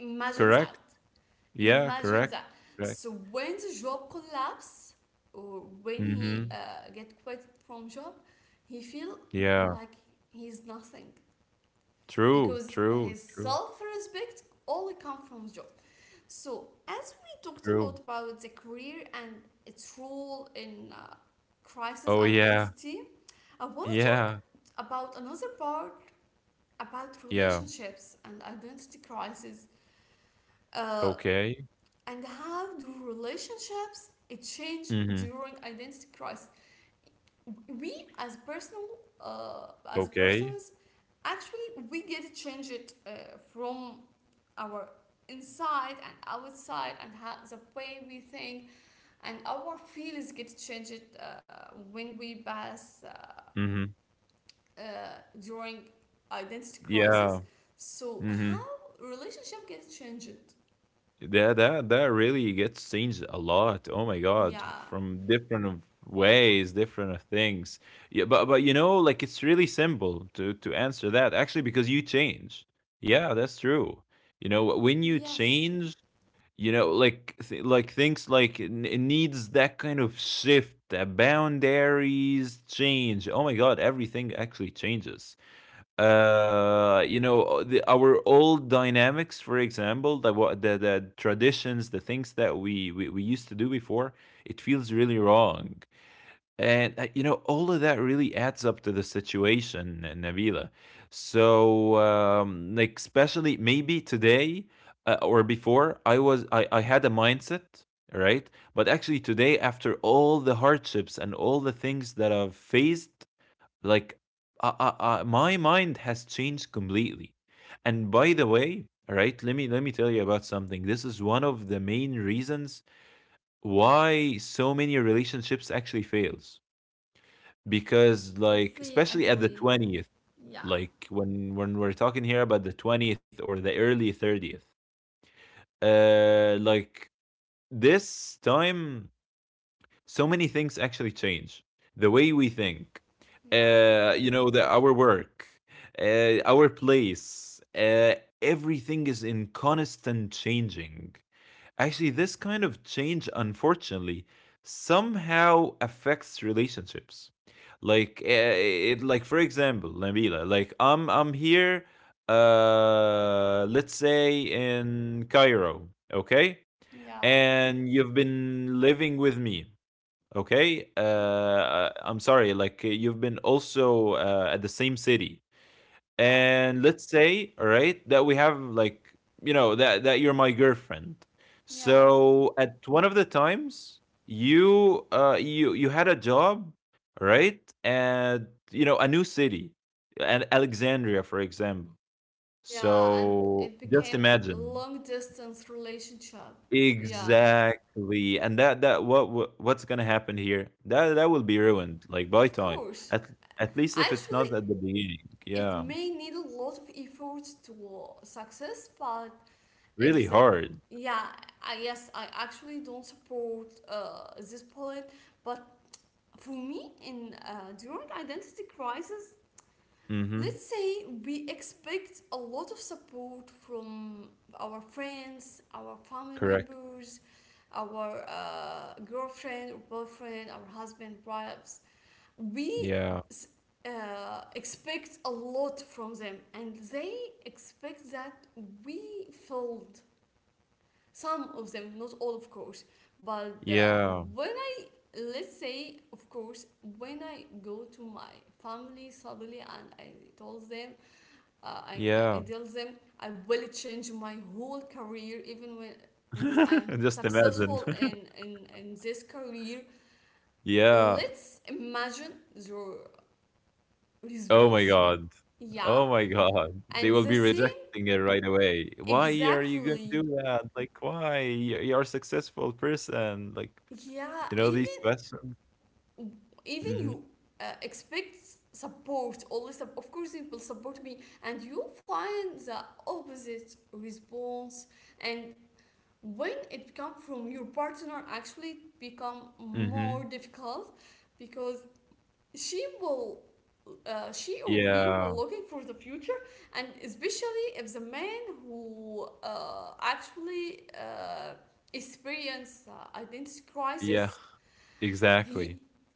[SPEAKER 1] Imagine that.
[SPEAKER 2] correct. Yeah,
[SPEAKER 1] Imagine
[SPEAKER 2] correct.
[SPEAKER 1] that.
[SPEAKER 2] Correct.
[SPEAKER 1] So when the job collapse or when he
[SPEAKER 2] Mhm.
[SPEAKER 1] get quit from job, he feel
[SPEAKER 2] Yeah.
[SPEAKER 1] like he's nothing
[SPEAKER 2] True,
[SPEAKER 1] because
[SPEAKER 2] true,
[SPEAKER 1] his
[SPEAKER 2] true,
[SPEAKER 1] self respect only come from job. So, as we talked a lot
[SPEAKER 2] true.
[SPEAKER 1] about the career and its role in crisis
[SPEAKER 2] Oh, yeah.
[SPEAKER 1] identity, I want to
[SPEAKER 2] Yeah.
[SPEAKER 1] talk about another part about
[SPEAKER 2] Yeah.
[SPEAKER 1] relationships and identity crisis, uh,
[SPEAKER 2] Okay.
[SPEAKER 1] and how do relationships it change
[SPEAKER 2] Mhm.
[SPEAKER 1] during identity crisis. We as personal, as
[SPEAKER 2] Okay.
[SPEAKER 1] persons actually we get to change it from our inside and outside, and how the way we think and our feelings get changed when we pass,
[SPEAKER 2] Mhm.
[SPEAKER 1] uh, during identity crisis.
[SPEAKER 2] Yeah.
[SPEAKER 1] So
[SPEAKER 2] Mhm.
[SPEAKER 1] how relationship gets changed?
[SPEAKER 2] That that that really gets changed a lot. Oh my God.
[SPEAKER 1] Yeah.
[SPEAKER 2] From different of ways, different of things. Yeah, but you know, like, it's really simple to answer that, actually, because you change. Yeah, that's true. You know, when you
[SPEAKER 1] Yes,
[SPEAKER 2] change, you know, like like things, like, it needs that kind of shift, that boundaries change. Oh my God, everything actually changes. You know, our old dynamics, for example, the traditions, the things that we, we used to do before, it feels really wrong. And you know, all of that really adds up to the situation, Nabila. So, like, especially maybe today, or before, I had a mindset, right? But actually, today, after all the hardships and all the things that I've faced, like, my mind has changed completely. And by the way, all right, let me tell you about something. This is one of the main reasons why so many relationships actually fails, because, like,
[SPEAKER 1] totally
[SPEAKER 2] especially at the
[SPEAKER 1] agree.
[SPEAKER 2] 20th,
[SPEAKER 1] Yeah.
[SPEAKER 2] like, when we're talking here about the 20th or the early 30th, like this time, so many things actually change: the way we think,
[SPEAKER 1] Yeah,
[SPEAKER 2] you know, the our work, our place, everything is in constant changing. Actually, this kind of change, unfortunately, somehow affects relationships. Like, eh, eh, it like, for example, Nabila, like, I'm here, let's say, in Cairo, okay,
[SPEAKER 1] yeah,
[SPEAKER 2] and you've been living with me. Okay,
[SPEAKER 1] yeah,
[SPEAKER 2] I'm sorry, like, you've been also, at the same city. And let's say, all right, that we have like, you know, that you're my girlfriend.
[SPEAKER 1] yeah,
[SPEAKER 2] So at one of the times, you had a job, right, and, you know, a new city, and Alexandria, for example.
[SPEAKER 1] yeah, and
[SPEAKER 2] So
[SPEAKER 1] it
[SPEAKER 2] just
[SPEAKER 1] became a
[SPEAKER 2] imagine.
[SPEAKER 1] long distance relationship. Yeah,
[SPEAKER 2] Exactly. And that what's gonna happen here, that that will be ruined like by
[SPEAKER 1] of
[SPEAKER 2] time.
[SPEAKER 1] course.
[SPEAKER 2] at at least if it's
[SPEAKER 1] Actually
[SPEAKER 2] not at the beginning,
[SPEAKER 1] it
[SPEAKER 2] yeah.
[SPEAKER 1] may need a lot of effort to success, but
[SPEAKER 2] Really
[SPEAKER 1] if the
[SPEAKER 2] hard.
[SPEAKER 1] yeah, I yes, I actually don't support this poet. But for me in, during identity crisis, let's
[SPEAKER 2] Hmm.
[SPEAKER 1] say we expect a lot of support from our friends, our family
[SPEAKER 2] Correct.
[SPEAKER 1] members, our girlfriend or boyfriend, our husband wives. we
[SPEAKER 2] Yeah.
[SPEAKER 1] s- uh, expect a lot from them, and they expect that we filled some of them, not all, of course. But
[SPEAKER 2] Yeah.
[SPEAKER 1] when I, let's say, of course, when I go to my family suddenly and I told them, uh, I, I
[SPEAKER 2] Yeah.
[SPEAKER 1] tell them I will change my whole career, even when I am
[SPEAKER 2] Just imagine.
[SPEAKER 1] successful in this career.
[SPEAKER 2] Yeah.
[SPEAKER 1] Let's imagine your
[SPEAKER 2] Oh my
[SPEAKER 1] response.
[SPEAKER 2] God.
[SPEAKER 1] Yeah,
[SPEAKER 2] Oh my God. They
[SPEAKER 1] and
[SPEAKER 2] will
[SPEAKER 1] the
[SPEAKER 2] be
[SPEAKER 1] same
[SPEAKER 2] rejecting it right away. Why are you gonna do
[SPEAKER 1] exactly.
[SPEAKER 2] that? Like, why? You're a successful person. Like,
[SPEAKER 1] Yeah,
[SPEAKER 2] you know, these
[SPEAKER 1] even
[SPEAKER 2] questions.
[SPEAKER 1] even
[SPEAKER 2] Hmm.
[SPEAKER 1] you expect support always of course it will support me, and you find the opposite response. And when it comes from your partner, actually it become
[SPEAKER 2] Hmm.
[SPEAKER 1] more difficult, because she will, she or he
[SPEAKER 2] Yeah.
[SPEAKER 1] will looking for the future. And especially if the man who actually experience identity
[SPEAKER 2] Yeah.
[SPEAKER 1] crisis,
[SPEAKER 2] Exactly.
[SPEAKER 1] he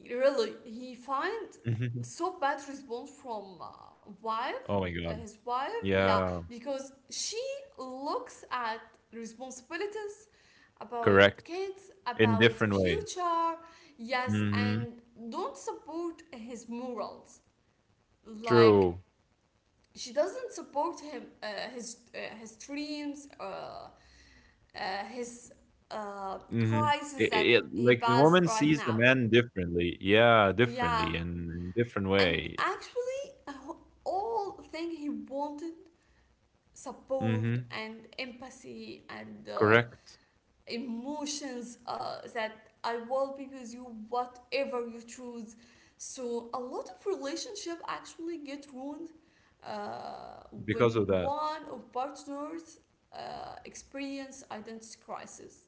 [SPEAKER 1] really he find
[SPEAKER 2] Hmm.
[SPEAKER 1] so bad response from wife,
[SPEAKER 2] Oh my God.
[SPEAKER 1] his wife. Yeah.
[SPEAKER 2] Yeah.
[SPEAKER 1] Because she looks at responsibilities, about
[SPEAKER 2] Correct.
[SPEAKER 1] kids,
[SPEAKER 2] In
[SPEAKER 1] about the
[SPEAKER 2] different way.
[SPEAKER 1] future. Yes,
[SPEAKER 2] Hmm.
[SPEAKER 1] and don't support his morals. Like,
[SPEAKER 2] True.
[SPEAKER 1] she doesn't support him, his dreams, his
[SPEAKER 2] Mhm.
[SPEAKER 1] crisis
[SPEAKER 2] It
[SPEAKER 1] that
[SPEAKER 2] it
[SPEAKER 1] he
[SPEAKER 2] like the
[SPEAKER 1] has
[SPEAKER 2] woman
[SPEAKER 1] right
[SPEAKER 2] sees
[SPEAKER 1] now.
[SPEAKER 2] the man differently. Yeah,
[SPEAKER 1] Yeah.
[SPEAKER 2] differently and in different
[SPEAKER 1] And
[SPEAKER 2] way.
[SPEAKER 1] actually, uh, all thing he wanted support
[SPEAKER 2] Mhm.
[SPEAKER 1] and empathy and
[SPEAKER 2] Correct.
[SPEAKER 1] emotions, that I will be with you whatever you choose. So a lot of relationship actually get ruined uh,
[SPEAKER 2] Because
[SPEAKER 1] when
[SPEAKER 2] of that.
[SPEAKER 1] one of partners experience identity crisis.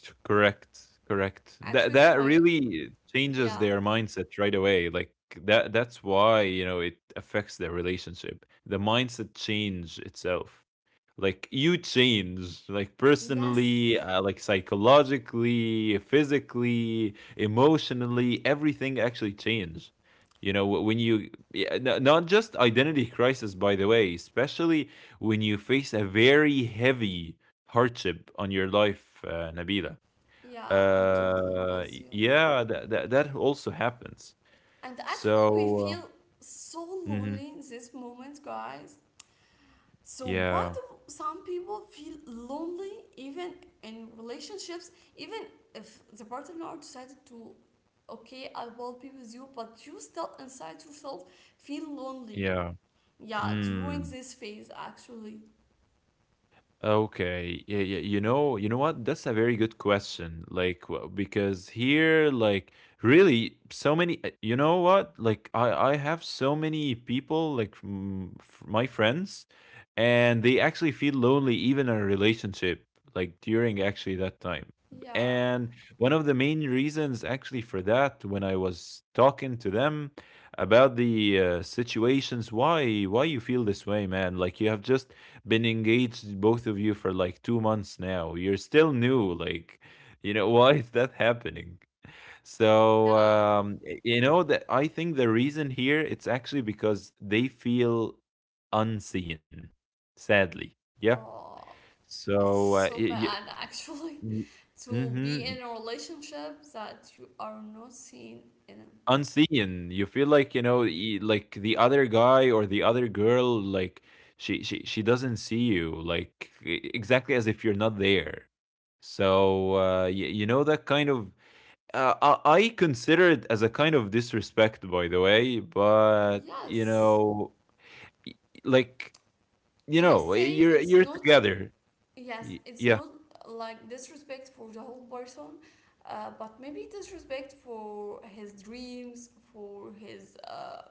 [SPEAKER 2] Correct. Correct.
[SPEAKER 1] Actually
[SPEAKER 2] That
[SPEAKER 1] it's
[SPEAKER 2] that
[SPEAKER 1] my
[SPEAKER 2] really changes
[SPEAKER 1] Yeah.
[SPEAKER 2] their mindset right away. Like that that's why, you know, it affects their relationship. The mindset change itself. Like you change, like, personally,
[SPEAKER 1] Yes.
[SPEAKER 2] like, psychologically, physically, emotionally, everything actually change. You know, when you, yeah, not just identity crisis, by the way, especially when you face a very heavy hardship on your life, Nabila.
[SPEAKER 1] Yeah, I totally with you.
[SPEAKER 2] Yeah, that, that that also happens.
[SPEAKER 1] And actually, we feel
[SPEAKER 2] So,
[SPEAKER 1] so
[SPEAKER 2] uh, mhm,
[SPEAKER 1] lonely in this moment, guys. So
[SPEAKER 2] yeah,
[SPEAKER 1] why do some people feel lonely even in relationships? Even if the partner decided to, okay, I will be with you, but you still inside yourself feel lonely.
[SPEAKER 2] yeah.
[SPEAKER 1] Yeah, during
[SPEAKER 2] Mm.
[SPEAKER 1] this phase, actually.
[SPEAKER 2] Okay. Yeah, yeah, you know what? That's a very good question. Like, because here, like, really so many, you know what? Like, I have so many people, like, from my friends, and they actually feel lonely even in a relationship, like, during actually that time.
[SPEAKER 1] Yeah,
[SPEAKER 2] And one of the main reasons actually for that, when I was talking to them about the, situations, why you feel this way, man? Like, you have just been engaged, both of you, for like 2 months now. You're still new. Like, you know, why is that happening? So,
[SPEAKER 1] yeah.
[SPEAKER 2] y- you know that I think the reason here, it's actually because they feel unseen, sadly. Yeah.
[SPEAKER 1] Oh, it's
[SPEAKER 2] So,
[SPEAKER 1] so bad, actually,
[SPEAKER 2] y-
[SPEAKER 1] to be
[SPEAKER 2] mhm,
[SPEAKER 1] in a relationship that you are not seen in.
[SPEAKER 2] unseen. You feel like, you know, like the other guy or the other girl, like, she doesn't see you, like, exactly as if you're not there. So, you know, that kind of, uh, I consider it as a kind of disrespect, by the way. But you
[SPEAKER 1] Yes.
[SPEAKER 2] know, y- like, you
[SPEAKER 1] Let's
[SPEAKER 2] know,
[SPEAKER 1] say
[SPEAKER 2] you're
[SPEAKER 1] it's not,
[SPEAKER 2] together.
[SPEAKER 1] yes, it's not
[SPEAKER 2] Yeah.
[SPEAKER 1] like disrespect for the whole person, but maybe disrespect for his dreams, for his,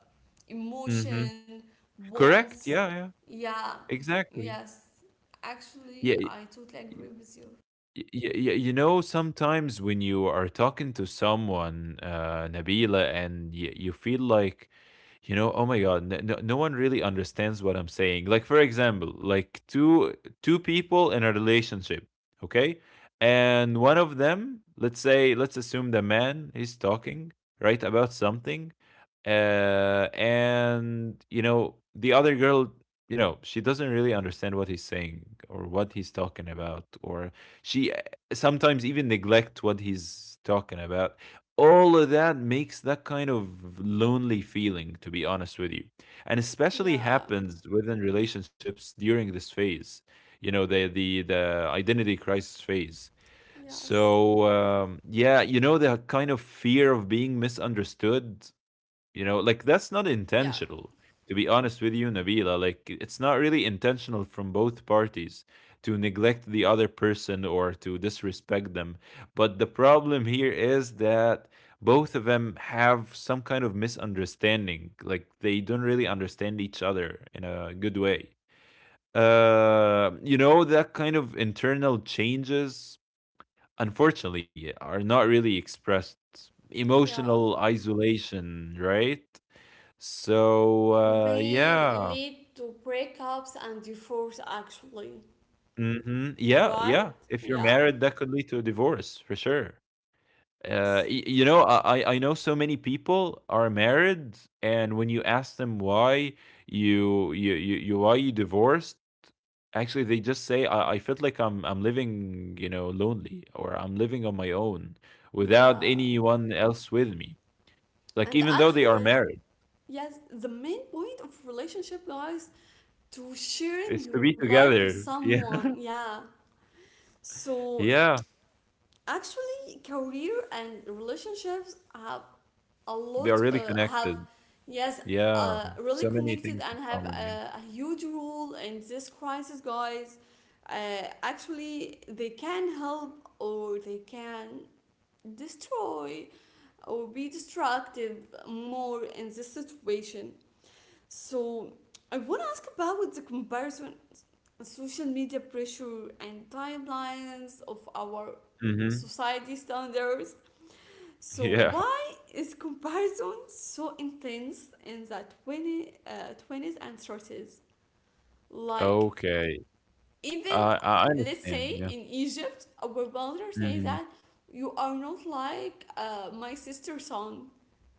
[SPEAKER 2] Mm-hmm.
[SPEAKER 1] emotion,
[SPEAKER 2] Correct.
[SPEAKER 1] wants.
[SPEAKER 2] Yeah. Yeah.
[SPEAKER 1] Yeah,
[SPEAKER 2] Exactly.
[SPEAKER 1] yes. Actually,
[SPEAKER 2] Yeah.
[SPEAKER 1] I totally agree with you.
[SPEAKER 2] Y y y You know, sometimes when you are talking to someone, Nabila, and y you feel like, you know, oh my God, n no one really understands what I'm saying. Like, for example, like, two people in a relationship, okay? And one of them, let's say, let's assume the man is talking, right, about something, and you know, the other girl, you know, she doesn't really understand what he's saying or what he's talking about, or she, sometimes even neglect what he's talking about. All of that makes that kind of lonely feeling, to be honest with you, and especially
[SPEAKER 1] Yeah,
[SPEAKER 2] happens within relationships during this phase. You know, the the identity crisis phase.
[SPEAKER 1] yes.
[SPEAKER 2] So, yeah, you know, the kind of fear of being misunderstood. You know, like, that's not
[SPEAKER 1] Yeah,
[SPEAKER 2] intentional. To be honest with you, Nabila, like, it's not really intentional from both parties to neglect the other person or to disrespect them. But the problem here is that both of them have some kind of misunderstanding. Like, they don't really understand each other in a good way. You know, that kind of internal changes, unfortunately, are not really expressed.
[SPEAKER 1] yeah.
[SPEAKER 2] Emotional isolation, right?
[SPEAKER 1] It
[SPEAKER 2] So,
[SPEAKER 1] may
[SPEAKER 2] yeah.
[SPEAKER 1] lead to breakups and divorce, actually,
[SPEAKER 2] Mhm. Yeah,
[SPEAKER 1] right?
[SPEAKER 2] yeah. If you're
[SPEAKER 1] Yeah.
[SPEAKER 2] married, that could lead to a divorce for sure.
[SPEAKER 1] Yes.
[SPEAKER 2] Y You know, I I know so many people are married, and when you ask them why you why you divorced, actually they just say, I felt like I'm living, you know, lonely, or I'm living on my own without
[SPEAKER 1] Yeah.
[SPEAKER 2] anyone else with me.
[SPEAKER 1] And
[SPEAKER 2] Like, even though they are
[SPEAKER 1] actually,
[SPEAKER 2] married,
[SPEAKER 1] yes, the main point of relationship, guys, to sharing
[SPEAKER 2] it's to
[SPEAKER 1] your
[SPEAKER 2] be
[SPEAKER 1] life with
[SPEAKER 2] together. Yeah.
[SPEAKER 1] someone. Yeah. So
[SPEAKER 2] Yeah.
[SPEAKER 1] actually, career and relationships have a
[SPEAKER 2] They are
[SPEAKER 1] lot.
[SPEAKER 2] really
[SPEAKER 1] Have,
[SPEAKER 2] connected.
[SPEAKER 1] yes,
[SPEAKER 2] Yeah,
[SPEAKER 1] really
[SPEAKER 2] so many
[SPEAKER 1] connected
[SPEAKER 2] things in
[SPEAKER 1] and have
[SPEAKER 2] common, yeah.
[SPEAKER 1] a huge role in this crisis, guys. Actually, they can help or they can destroy or be destructive more in this situation. So I want to ask about the comparison, social media pressure, and timelines of our
[SPEAKER 2] Mhm.
[SPEAKER 1] society standards. So
[SPEAKER 2] Yeah,
[SPEAKER 1] why is comparison so intense in the 20s and 30s? Like,
[SPEAKER 2] okay.
[SPEAKER 1] even
[SPEAKER 2] I
[SPEAKER 1] let's
[SPEAKER 2] understand,
[SPEAKER 1] say
[SPEAKER 2] yeah.
[SPEAKER 1] in Egypt, our mother says
[SPEAKER 2] Mhm.
[SPEAKER 1] that you are not like, my sister's son.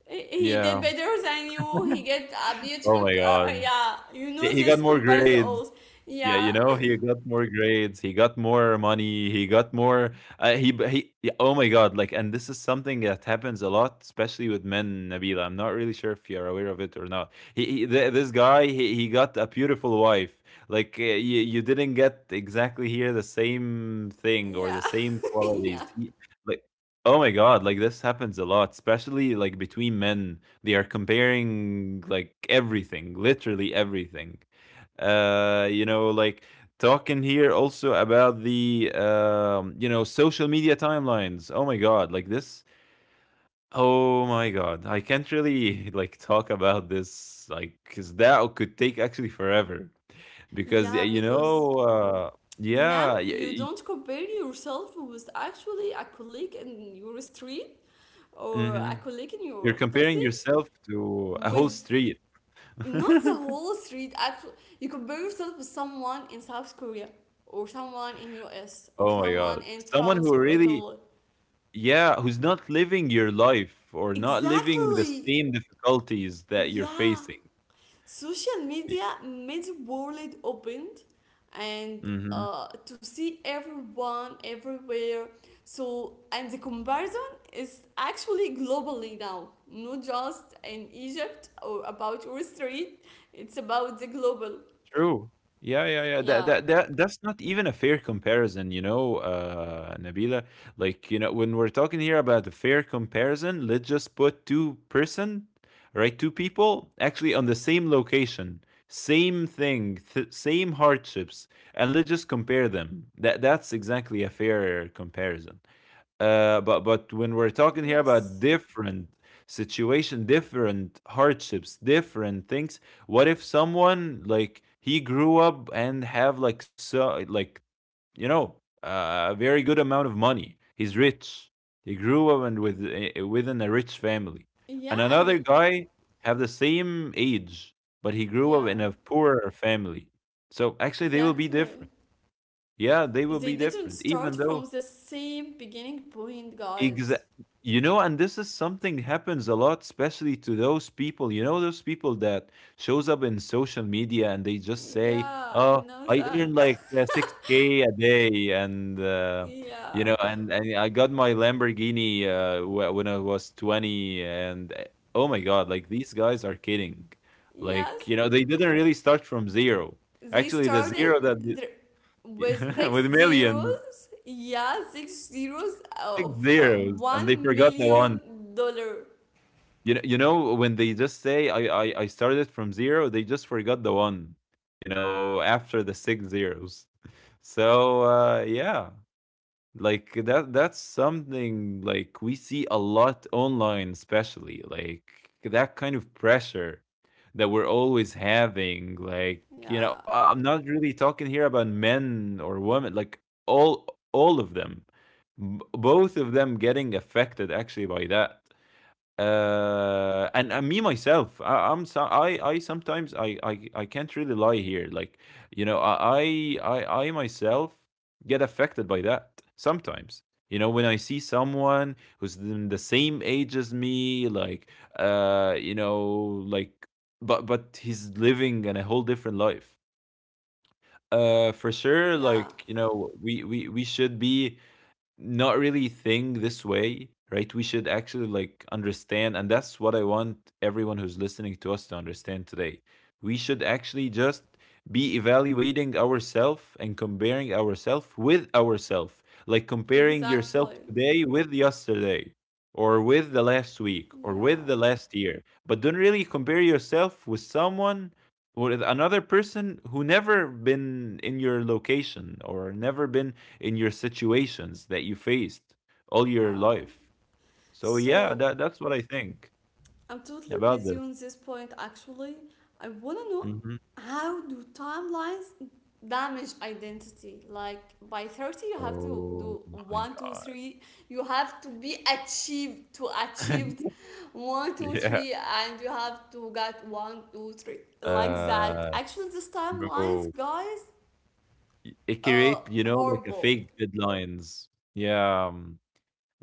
[SPEAKER 1] He-
[SPEAKER 2] Yeah.
[SPEAKER 1] did better than you. He get a
[SPEAKER 2] Oh
[SPEAKER 1] beautiful.
[SPEAKER 2] my god.
[SPEAKER 1] Yeah, you know
[SPEAKER 2] He got
[SPEAKER 1] this
[SPEAKER 2] more
[SPEAKER 1] comparison.
[SPEAKER 2] grades.
[SPEAKER 1] Also.
[SPEAKER 2] Yeah,
[SPEAKER 1] Yeah,
[SPEAKER 2] you know, he got more grades, he got more money, he got more. He b- he. Yeah, oh my god! Like, and this is something that happens a lot, especially with men. Nabila, I'm not really sure if you're aware of it or not. This guy, he got a beautiful wife. Like, you didn't get exactly here the same thing or the
[SPEAKER 1] yeah,
[SPEAKER 2] same
[SPEAKER 1] yeah,
[SPEAKER 2] qualities. Like, oh my god! Like, this happens a lot, especially like between men. They are comparing like everything, literally everything, you know, like, talking here also about the, you know, social media timelines. Oh my god, like this. Oh my god, I can't really like talk about this, like, because that could take actually forever, because,
[SPEAKER 1] yeah.
[SPEAKER 2] you
[SPEAKER 1] Because
[SPEAKER 2] know,
[SPEAKER 1] now
[SPEAKER 2] yeah,
[SPEAKER 1] you don't compare yourself with actually a colleague in your street or a
[SPEAKER 2] mhm.
[SPEAKER 1] colleague in your
[SPEAKER 2] You're comparing
[SPEAKER 1] faculty.
[SPEAKER 2] yourself to a whole
[SPEAKER 1] With
[SPEAKER 2] street.
[SPEAKER 1] Not the whole street, actually. You compare yourself with someone in South Korea, or someone in US, or
[SPEAKER 2] Oh my god,
[SPEAKER 1] someone in
[SPEAKER 2] someone
[SPEAKER 1] France
[SPEAKER 2] who
[SPEAKER 1] or
[SPEAKER 2] really,
[SPEAKER 1] Italy,
[SPEAKER 2] yeah, who's not living your life or not living the
[SPEAKER 1] exactly.
[SPEAKER 2] same difficulties that you're
[SPEAKER 1] Yeah.
[SPEAKER 2] facing.
[SPEAKER 1] Social
[SPEAKER 2] Y-
[SPEAKER 1] media made the world opened, and
[SPEAKER 2] Mhm.
[SPEAKER 1] to see everyone everywhere. So, and the comparison is actually globally now, not just in Egypt or about your street, it's about the global.
[SPEAKER 2] True. Yeah, yeah, yeah. That
[SPEAKER 1] Yeah.
[SPEAKER 2] that that that's not even a fair comparison, you know, Nabila. Like, you know, when we're talking here about a fair comparison, let's just put two-person, right? Two people actually on the same location, same thing, same hardships, and let's just compare them. That that's exactly a fair comparison. But but when we're talking here about
[SPEAKER 1] Yes.
[SPEAKER 2] different situation, different hardships, different things, what if someone, like, he grew up and have like, so, like, you know, a very good amount of money. He's rich. He grew up and with, within a rich family, and
[SPEAKER 1] Yeah,
[SPEAKER 2] another guy have the same age, but he grew up in
[SPEAKER 1] yeah,
[SPEAKER 2] a poorer family. So actually, they will be
[SPEAKER 1] exactly.
[SPEAKER 2] different. Yeah, they will
[SPEAKER 1] They
[SPEAKER 2] be
[SPEAKER 1] didn't
[SPEAKER 2] different,
[SPEAKER 1] start
[SPEAKER 2] even
[SPEAKER 1] from
[SPEAKER 2] though,
[SPEAKER 1] the same beginning point,
[SPEAKER 2] Exa
[SPEAKER 1] guys.
[SPEAKER 2] you know, and this is something happens a lot, especially to those people. You know, those people that shows up in social media and they just
[SPEAKER 1] Yeah,
[SPEAKER 2] say,
[SPEAKER 1] I
[SPEAKER 2] "Oh,
[SPEAKER 1] know
[SPEAKER 2] I
[SPEAKER 1] that.
[SPEAKER 2] earn like 6K a day," and you
[SPEAKER 1] Yeah,
[SPEAKER 2] know, and I got my Lamborghini when I was 20, and oh my God, like these guys are kidding.
[SPEAKER 1] yes.
[SPEAKER 2] Like you know, they didn't really start from zero.
[SPEAKER 1] They
[SPEAKER 2] Actually, the
[SPEAKER 1] started
[SPEAKER 2] zero that
[SPEAKER 1] their, with
[SPEAKER 2] with
[SPEAKER 1] six
[SPEAKER 2] millions,
[SPEAKER 1] zeros. Yeah, six zeros of
[SPEAKER 2] six zeros, and they
[SPEAKER 1] one
[SPEAKER 2] forgot the one.
[SPEAKER 1] million dollar.
[SPEAKER 2] You know when they just say I started from zero, they just forgot the one. You know, after the six zeros. So yeah, like that's something like we see a lot online, especially like that kind of pressure that we're always having. Like you
[SPEAKER 1] Yeah,
[SPEAKER 2] know, I'm not really talking here about men or women. Like all all of them, both of them getting affected actually by that and me myself I, I'm so I sometimes I can't really lie here like you know I myself get affected by that sometimes you know when I see someone who's in the same age as me like uh you know like but he's living in a whole different life for sure
[SPEAKER 1] yeah,
[SPEAKER 2] like you know we should be not really think this way, right? We should actually like understand, and that's what I want everyone who's listening to us to understand today. We should actually just be evaluating ourselves and comparing ourselves with ourselves, like comparing yourself
[SPEAKER 1] exactly.
[SPEAKER 2] today with yesterday or with the last week or with the
[SPEAKER 1] Yeah,
[SPEAKER 2] last year, but don't really compare yourself with someone or with another person who never been in your location or never been in your situations that you faced all your
[SPEAKER 1] yeah.
[SPEAKER 2] life. So yeah,
[SPEAKER 1] So
[SPEAKER 2] that's what I think
[SPEAKER 1] I'm totally with
[SPEAKER 2] about
[SPEAKER 1] you
[SPEAKER 2] this.
[SPEAKER 1] on this point actually. I want to know,
[SPEAKER 2] Hmm.
[SPEAKER 1] how do timelines damage identity? Like, by 30 you have to do
[SPEAKER 2] Oh my
[SPEAKER 1] one, two,
[SPEAKER 2] god.
[SPEAKER 1] three. You have to be achieved to achieved one, two,
[SPEAKER 2] Yeah.
[SPEAKER 1] three, and you have to get one, two, three. Like that.
[SPEAKER 2] Uh
[SPEAKER 1] Actually these
[SPEAKER 2] no.
[SPEAKER 1] timelines, guys,
[SPEAKER 2] It
[SPEAKER 1] uh
[SPEAKER 2] create, you know, like a
[SPEAKER 1] horrible.
[SPEAKER 2] fake deadlines. Yeah.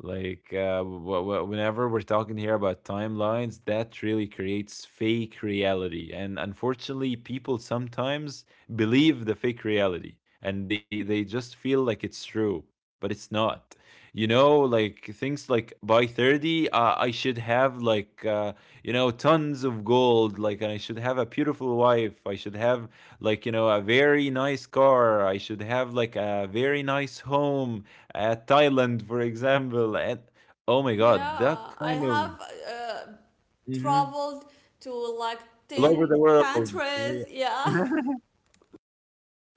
[SPEAKER 2] Like whenever we're talking here about timelines, that really creates fake reality, and unfortunately, people sometimes believe the fake reality, and they just feel like it's true, but it's not. You know, like things like by 30, I should have like you know tons of gold, like, and I should have a beautiful wife. I should have like you know a very nice car. I should have like a very nice home, Thailand, for example. And oh my God,
[SPEAKER 1] Yeah,
[SPEAKER 2] that
[SPEAKER 1] I
[SPEAKER 2] kind of
[SPEAKER 1] have
[SPEAKER 2] mhm,
[SPEAKER 1] traveled to like
[SPEAKER 2] all over
[SPEAKER 1] 10
[SPEAKER 2] the world.
[SPEAKER 1] countries. Yeah.
[SPEAKER 2] Yeah.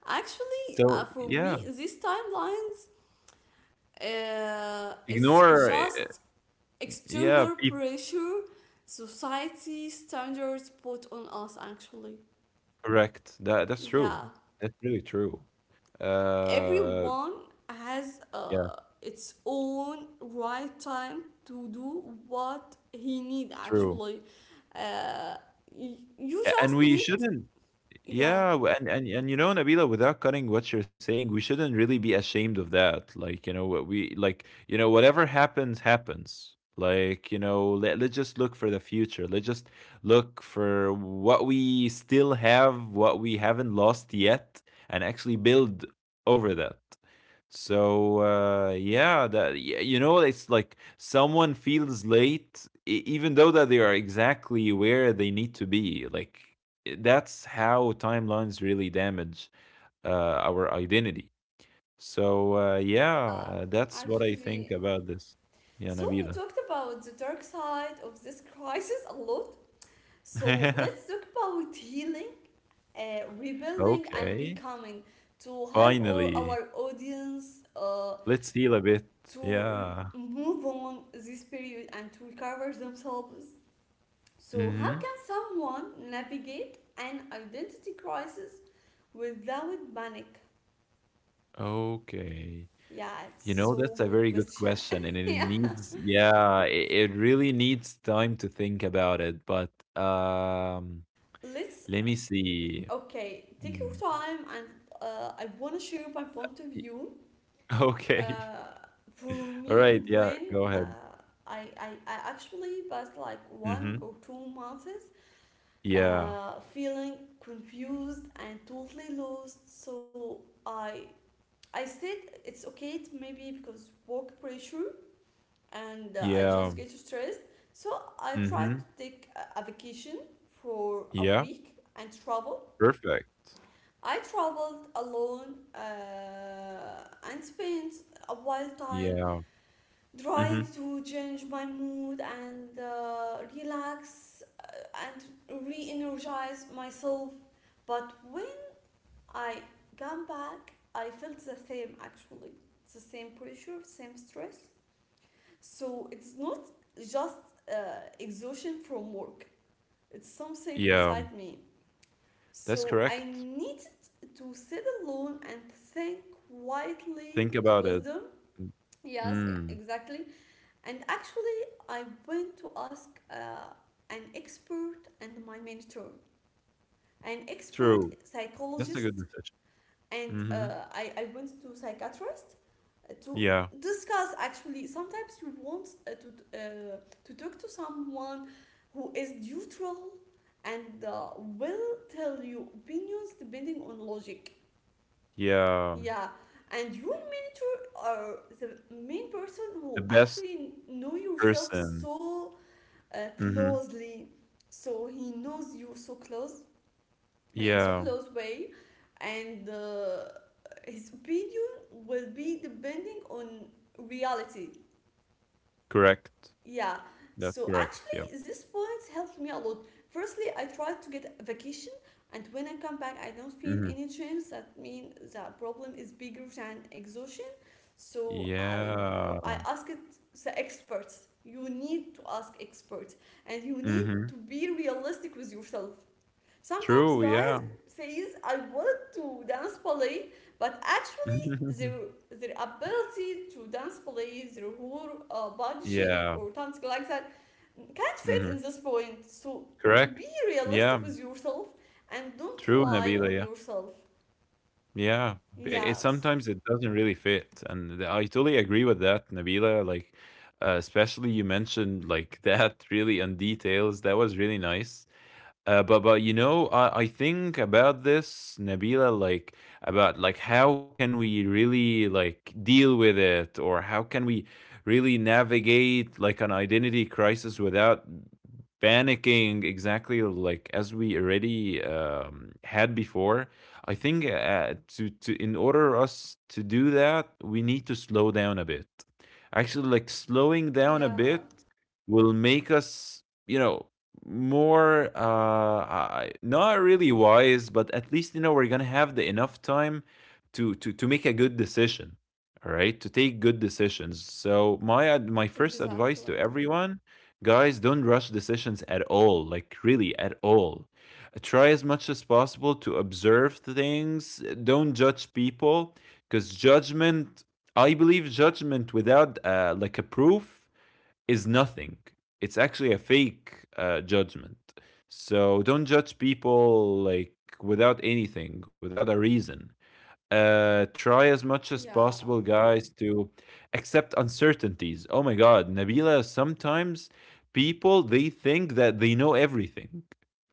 [SPEAKER 1] Actually,
[SPEAKER 2] So
[SPEAKER 1] for
[SPEAKER 2] yeah,
[SPEAKER 1] me, these timelines is
[SPEAKER 2] ignore.
[SPEAKER 1] just
[SPEAKER 2] Yeah,
[SPEAKER 1] external
[SPEAKER 2] people.
[SPEAKER 1] pressure, society standards put on us. Actually,
[SPEAKER 2] Correct. That's true.
[SPEAKER 1] yeah,
[SPEAKER 2] That's really true. Uh,
[SPEAKER 1] everyone has
[SPEAKER 2] yeah,
[SPEAKER 1] its own right time to do what he need.
[SPEAKER 2] true.
[SPEAKER 1] Actually, uh, you
[SPEAKER 2] And
[SPEAKER 1] just
[SPEAKER 2] we
[SPEAKER 1] need.
[SPEAKER 2] shouldn't.
[SPEAKER 1] Yeah.
[SPEAKER 2] Yeah, and and you know, Nabila, without cutting what you're saying, we shouldn't really be ashamed of that. Like, you know, what we like, you know, whatever happens, happens. Like, you know, let's just look for the future. Let's just look for what we still have, what we haven't lost yet, and actually build over that. So, yeah, that you know, it's like someone feels late, even though that they are exactly where they need to be. Like, that's how timelines really damage our identity. So yeah,
[SPEAKER 1] Uh,
[SPEAKER 2] that's what I think
[SPEAKER 1] actually,
[SPEAKER 2] about this. Yeah,
[SPEAKER 1] So we
[SPEAKER 2] Nabila.
[SPEAKER 1] talked about the dark side of this crisis a lot. So let's talk about healing, rebuilding, and
[SPEAKER 2] Okay,
[SPEAKER 1] becoming, to help all
[SPEAKER 2] finally,
[SPEAKER 1] our audience
[SPEAKER 2] let's heal a bit.
[SPEAKER 1] to
[SPEAKER 2] Yeah.
[SPEAKER 1] move on this period and to recover themselves. So how
[SPEAKER 2] Mm-hmm.
[SPEAKER 1] can someone navigate an identity crisis without panic?
[SPEAKER 2] Okay.
[SPEAKER 1] Yeah, it's
[SPEAKER 2] You know,
[SPEAKER 1] so
[SPEAKER 2] that's a
[SPEAKER 1] good
[SPEAKER 2] very good
[SPEAKER 1] question.
[SPEAKER 2] question, and it
[SPEAKER 1] Yeah.
[SPEAKER 2] needs, yeah, it really needs time to think about it. But um,
[SPEAKER 1] Let's
[SPEAKER 2] let me see.
[SPEAKER 1] Okay, take your
[SPEAKER 2] Mm,
[SPEAKER 1] time, and I want to share my point of
[SPEAKER 2] y-
[SPEAKER 1] view.
[SPEAKER 2] Okay.
[SPEAKER 1] Uh, for me,
[SPEAKER 2] All right. Yeah,
[SPEAKER 1] when
[SPEAKER 2] go ahead.
[SPEAKER 1] I actually passed like one
[SPEAKER 2] Mm-hmm.
[SPEAKER 1] or two months
[SPEAKER 2] Yeah.
[SPEAKER 1] feeling confused and totally lost, so I I said it's okay, it maybe because work pressure, and I just
[SPEAKER 2] Yeah.
[SPEAKER 1] get stressed. So I tried to
[SPEAKER 2] Mhm.
[SPEAKER 1] take a vacation for a
[SPEAKER 2] Yeah.
[SPEAKER 1] week and travel
[SPEAKER 2] Perfect.
[SPEAKER 1] I traveled alone, and spent a wild time
[SPEAKER 2] Yeah.
[SPEAKER 1] trying
[SPEAKER 2] Mhm.
[SPEAKER 1] to change my mood and relax, and re energize myself. But when I came back, I felt the same, actually the same pressure, same stress. So it's not just uh, exhaustion from work, it's something
[SPEAKER 2] Yeah.
[SPEAKER 1] inside me.
[SPEAKER 2] That's
[SPEAKER 1] So I
[SPEAKER 2] correct.
[SPEAKER 1] need to sit alone and think
[SPEAKER 2] Think
[SPEAKER 1] quietly
[SPEAKER 2] about
[SPEAKER 1] with
[SPEAKER 2] it.
[SPEAKER 1] wisdom.
[SPEAKER 2] Mm.
[SPEAKER 1] Yes,
[SPEAKER 2] Mm.
[SPEAKER 1] exactly. And actually, I went to ask an expert and my mentor, an expert
[SPEAKER 2] True. That's a good
[SPEAKER 1] psychologist,
[SPEAKER 2] decision.
[SPEAKER 1] and
[SPEAKER 2] Mhm.
[SPEAKER 1] I went to psychiatrist to
[SPEAKER 2] Yeah.
[SPEAKER 1] discuss. Actually, sometimes you want to talk to someone who is neutral, and will tell you opinions depending on logic.
[SPEAKER 2] Yeah.
[SPEAKER 1] Yeah, and you mentor are the main person
[SPEAKER 2] The
[SPEAKER 1] who
[SPEAKER 2] best
[SPEAKER 1] actually know yourself
[SPEAKER 2] person.
[SPEAKER 1] so
[SPEAKER 2] Mhm.
[SPEAKER 1] closely. So he knows you so close, in so
[SPEAKER 2] Yeah.
[SPEAKER 1] close way, and his opinion will be depending on reality.
[SPEAKER 2] Correct.
[SPEAKER 1] Yeah.
[SPEAKER 2] That's
[SPEAKER 1] So
[SPEAKER 2] correct. Yeah.
[SPEAKER 1] actually, this points helped me a lot. Firstly, I tried to get a vacation, and when I come back, I don't feel
[SPEAKER 2] Mhm.
[SPEAKER 1] any change. That means the problem is bigger than exhaustion. So I
[SPEAKER 2] Yeah.
[SPEAKER 1] asked the experts. You need to ask experts, and you need to
[SPEAKER 2] Mhm.
[SPEAKER 1] be realistic with yourself. Sometimes
[SPEAKER 2] True.
[SPEAKER 1] guys
[SPEAKER 2] Yeah.
[SPEAKER 1] says I wanted to dance ballet, but actually their ability to dance ballet, their whole, body shape
[SPEAKER 2] Yeah.
[SPEAKER 1] or something like that, can't fit in
[SPEAKER 2] Mhm.
[SPEAKER 1] this point. So
[SPEAKER 2] Correct.
[SPEAKER 1] be realistic
[SPEAKER 2] Yeah.
[SPEAKER 1] with yourself and don't
[SPEAKER 2] True,
[SPEAKER 1] lie on
[SPEAKER 2] Nabila.
[SPEAKER 1] yourself.
[SPEAKER 2] Yeah, it
[SPEAKER 1] Yes.
[SPEAKER 2] sometimes it doesn't really fit, and I totally agree with that, Nabila. Like, especially you mentioned like that really on details. That was really nice, but you know, I think about this, Nabila, like about like how can we really like deal with it, or how can we really navigate like an identity crisis without panicking exactly like as we already had before. I think to in order us to do that, we need to slow down a bit. Actually, like slowing down a
[SPEAKER 1] Yeah.
[SPEAKER 2] bit will make us you know more not really wise, but at least you know we're gonna have the enough time to make a good decision, all right, to take good decisions. So my first advice
[SPEAKER 1] Exactly.
[SPEAKER 2] to everyone, guys, don't rush decisions at all, like really at all. Try as much as possible to observe things. Don't judge people because judgment, I believe judgment without like a proof is nothing. It's actually a fake judgment. So don't judge people like without anything, without a reason. Try as much as
[SPEAKER 1] Yeah.
[SPEAKER 2] possible, guys, to accept uncertainties. Oh my God, Nabila, sometimes people they think that they know everything.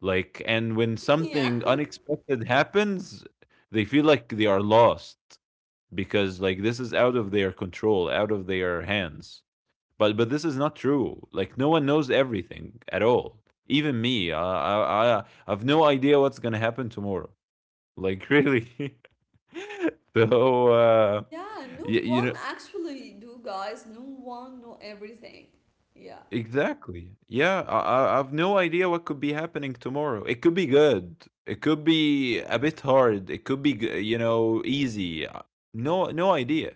[SPEAKER 2] Like, and when
[SPEAKER 1] Yeah.
[SPEAKER 2] something unexpected happens, they feel like they are lost because like this is out of their control, out of their hands. But this is not true. Like no one knows everything at all. Even me, I have no idea what's gonna happen tomorrow. Like really. So
[SPEAKER 1] Yeah. No
[SPEAKER 2] you
[SPEAKER 1] one
[SPEAKER 2] know.
[SPEAKER 1] actually do, guys. No one know everything. Yeah.
[SPEAKER 2] Exactly. Yeah, I I've no idea what could be happening tomorrow. It could be good. It could be a bit hard. It could be you know easy. No, no idea.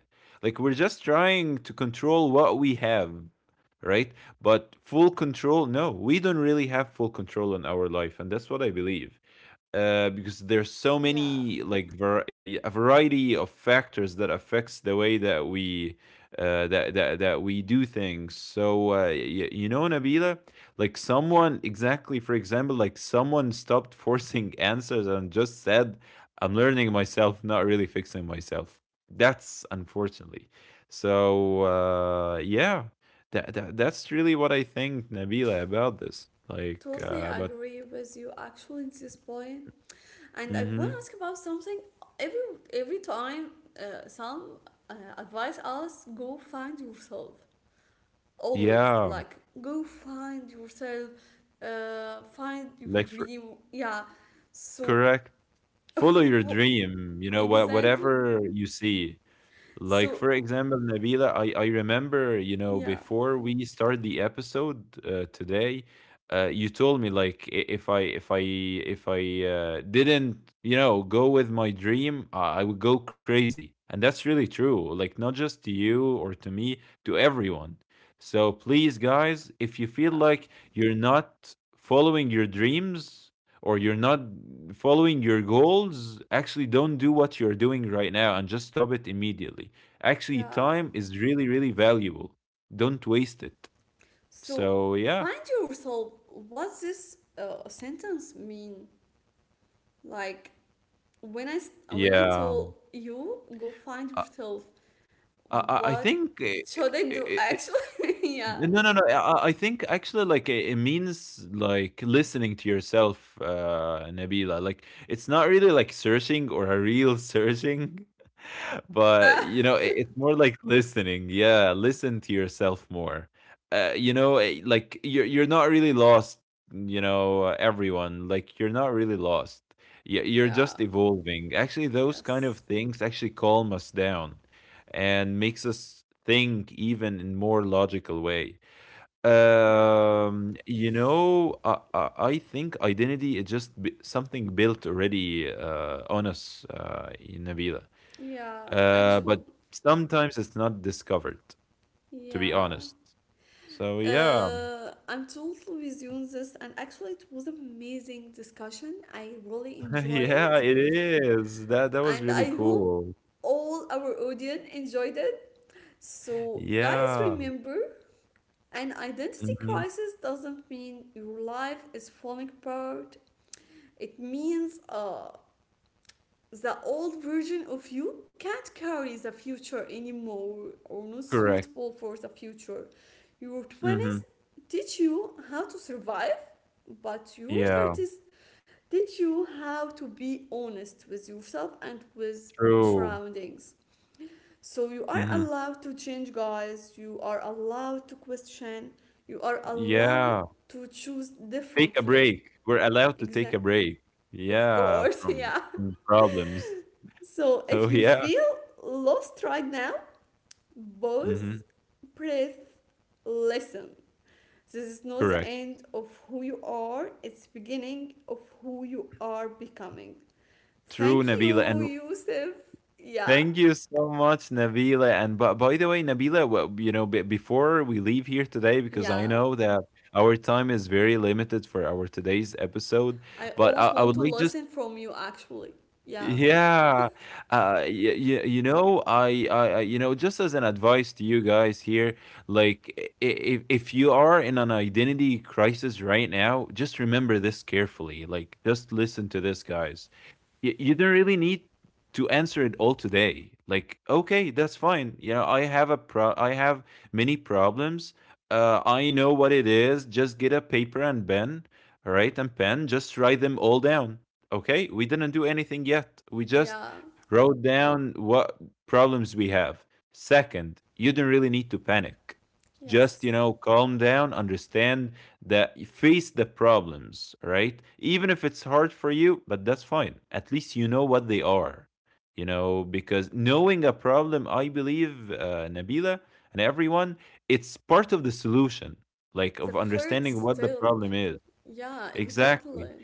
[SPEAKER 2] Like we're just trying to control what we have, right? But full control, no, we don't really have full control in our life, and that's what I believe, because there's so
[SPEAKER 1] Yeah.
[SPEAKER 2] many like a variety of factors that affects the way that we that that we do things. So you know, Nabila, like someone exactly, for example, like someone stopped forcing answers and just said, "I'm learning myself, not really fixing myself." That's unfortunately. So yeah, that's really what I think, Nabila, about this. Like
[SPEAKER 1] Totally
[SPEAKER 2] about.
[SPEAKER 1] agree with you actually at this point. And I want
[SPEAKER 2] Mm-hmm.
[SPEAKER 1] to ask about something. Every time, some advice us go find yourself. Always
[SPEAKER 2] Yeah.
[SPEAKER 1] like, go find yourself, find your
[SPEAKER 2] Like for
[SPEAKER 1] dream. Yeah. So,
[SPEAKER 2] correct. Follow your dream, you know,
[SPEAKER 1] exactly.
[SPEAKER 2] whatever you see. Like
[SPEAKER 1] So
[SPEAKER 2] for example, Nabila, I remember, you know,
[SPEAKER 1] yeah,
[SPEAKER 2] before we start the episode today, you told me like I- if I if I if I didn't, you know, go with my dream, I would go crazy. And that's really true. Like not just to you or to me, to everyone. So please guys, if you feel
[SPEAKER 1] yeah,
[SPEAKER 2] like you're not following your dreams or you're not following your goals, actually don't do what you're doing right now and just stop it immediately. Actually,
[SPEAKER 1] yeah.
[SPEAKER 2] time is really, really valuable. Don't waste it.
[SPEAKER 1] So
[SPEAKER 2] So yeah,
[SPEAKER 1] find yourself. What this sentence mean? Like, When I when I
[SPEAKER 2] yeah.
[SPEAKER 1] told you go find
[SPEAKER 2] I
[SPEAKER 1] yourself,
[SPEAKER 2] I
[SPEAKER 1] what
[SPEAKER 2] think
[SPEAKER 1] should I do?
[SPEAKER 2] it,
[SPEAKER 1] Actually, yeah,
[SPEAKER 2] no, no, no. I think actually, like it means like listening to yourself, Nabila. Like it's not really like searching or a real searching, but
[SPEAKER 1] yeah,
[SPEAKER 2] you know it's more like listening, yeah, listen to yourself more. You know, like you're not really lost, you know, everyone, like you're not really lost. You're
[SPEAKER 1] yeah,
[SPEAKER 2] just evolving. Actually those kind
[SPEAKER 1] yes,
[SPEAKER 2] of things actually calm us down and makes us think even in more logical way.
[SPEAKER 1] yeah,
[SPEAKER 2] You know, I think identity is just something built already on us, in Nabila,
[SPEAKER 1] yeah. Actually,
[SPEAKER 2] but sometimes it's not discovered, to be
[SPEAKER 1] yeah.
[SPEAKER 2] honest. So yeah,
[SPEAKER 1] I'm totally with you on this, and actually, it was amazing discussion. I really enjoy
[SPEAKER 2] yeah,
[SPEAKER 1] it,
[SPEAKER 2] it is. That that was
[SPEAKER 1] and
[SPEAKER 2] really
[SPEAKER 1] I hope
[SPEAKER 2] cool.
[SPEAKER 1] all our audience enjoyed it. So, guys,
[SPEAKER 2] Yeah.
[SPEAKER 1] remember, an identity
[SPEAKER 2] Hmm.
[SPEAKER 1] crisis doesn't mean your life is falling apart. It means the old version of you can't carry the future anymore, or not
[SPEAKER 2] Correct.
[SPEAKER 1] suitable for the future. Your
[SPEAKER 2] Hmm.
[SPEAKER 1] 20s teach you how to survive, but your
[SPEAKER 2] Yeah.
[SPEAKER 1] 30s teach you how to be honest with yourself and with
[SPEAKER 2] True.
[SPEAKER 1] surroundings. So you are
[SPEAKER 2] Hmm.
[SPEAKER 1] allowed to change, guys. You are allowed to question. You are allowed
[SPEAKER 2] Yeah.
[SPEAKER 1] to choose
[SPEAKER 2] Take a
[SPEAKER 1] differently.
[SPEAKER 2] break. We're allowed to take
[SPEAKER 1] Exact.
[SPEAKER 2] a break.
[SPEAKER 1] Of
[SPEAKER 2] Yeah,
[SPEAKER 1] course, yeah.
[SPEAKER 2] from problems.
[SPEAKER 1] So
[SPEAKER 2] So
[SPEAKER 1] if you
[SPEAKER 2] yeah.
[SPEAKER 1] feel lost right now,
[SPEAKER 2] Hmm.
[SPEAKER 1] pause, breathe, listen. This is not the
[SPEAKER 2] Correct.
[SPEAKER 1] end of who you are. It's beginning of who you are becoming.
[SPEAKER 2] True,
[SPEAKER 1] Thank
[SPEAKER 2] Nabila.
[SPEAKER 1] you,
[SPEAKER 2] And
[SPEAKER 1] Yusuf. Yeah,
[SPEAKER 2] thank you so much, Nabila. And but by the way, Nabila, well, you know, be before we leave here today, because I
[SPEAKER 1] yeah.
[SPEAKER 2] know that our time is very limited for our today's episode,
[SPEAKER 1] I
[SPEAKER 2] but
[SPEAKER 1] always
[SPEAKER 2] I would
[SPEAKER 1] want to
[SPEAKER 2] like just
[SPEAKER 1] listen from you. Actually, yeah.
[SPEAKER 2] yeah, y y you know, I, you know, just as an advice to you guys here, like if you are in an identity crisis right now, just remember this carefully. Like, just listen to this, guys. You don't really need to answer it all today. Like okay, that's fine. You know, I have many problems. I know what it is. Just get a paper and pen, all right, and pen. Just write them all down. Okay, we didn't do anything yet. We just
[SPEAKER 1] Yeah,
[SPEAKER 2] wrote down what problems we have. Second, you don't really need to panic. Just you
[SPEAKER 1] yes.
[SPEAKER 2] know calm down, understand that, face the problems, right? Even if it's hard for you, but that's fine. At least you know what they are, you know, because knowing a problem, I believe, Nabila and everyone, it's part of the solution, like of
[SPEAKER 1] The
[SPEAKER 2] understanding what
[SPEAKER 1] first
[SPEAKER 2] the
[SPEAKER 1] step.
[SPEAKER 2] problem is.
[SPEAKER 1] Yeah,
[SPEAKER 2] Exactly.
[SPEAKER 1] exactly.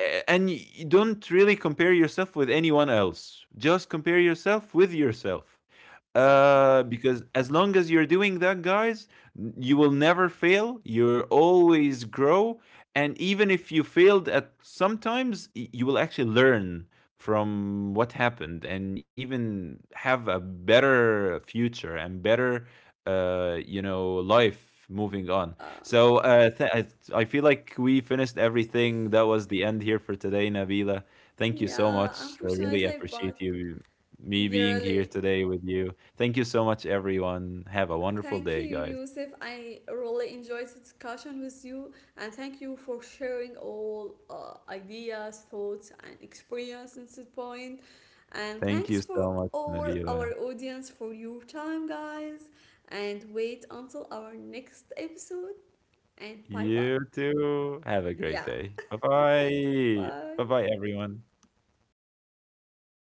[SPEAKER 2] And you don't really compare yourself with anyone else, just compare yourself with yourself,
[SPEAKER 1] Exactly.
[SPEAKER 2] because as long as you're doing that, guys, you will never fail. You'll always grow, and even if you failed at sometimes, you will actually learn from what happened and even have a better future and better, you know, life moving on.
[SPEAKER 1] Uh,
[SPEAKER 2] So I feel like we finished everything. That was the end here for today, Nabila. Thank you so
[SPEAKER 1] yeah,
[SPEAKER 2] much. I really
[SPEAKER 1] unfortunately,
[SPEAKER 2] appreciate
[SPEAKER 1] but
[SPEAKER 2] you me
[SPEAKER 1] yeah,
[SPEAKER 2] being here
[SPEAKER 1] really,
[SPEAKER 2] today with you. Thank you so much, everyone. Have a wonderful
[SPEAKER 1] thank
[SPEAKER 2] day,
[SPEAKER 1] you,
[SPEAKER 2] guys.
[SPEAKER 1] Yusuf. I really enjoyed the discussion with you, and thank you for sharing all ideas, thoughts, and experience at this point. And
[SPEAKER 2] Thank you
[SPEAKER 1] thanks
[SPEAKER 2] so
[SPEAKER 1] for
[SPEAKER 2] much,
[SPEAKER 1] all
[SPEAKER 2] Nabila.
[SPEAKER 1] our audience for your time, guys. And wait until our next episode. And bye bye.
[SPEAKER 2] You too. Have a great
[SPEAKER 1] Yeah.
[SPEAKER 2] day. Bye
[SPEAKER 1] Thank you.
[SPEAKER 2] bye. Bye
[SPEAKER 1] Bye.
[SPEAKER 2] bye, everyone.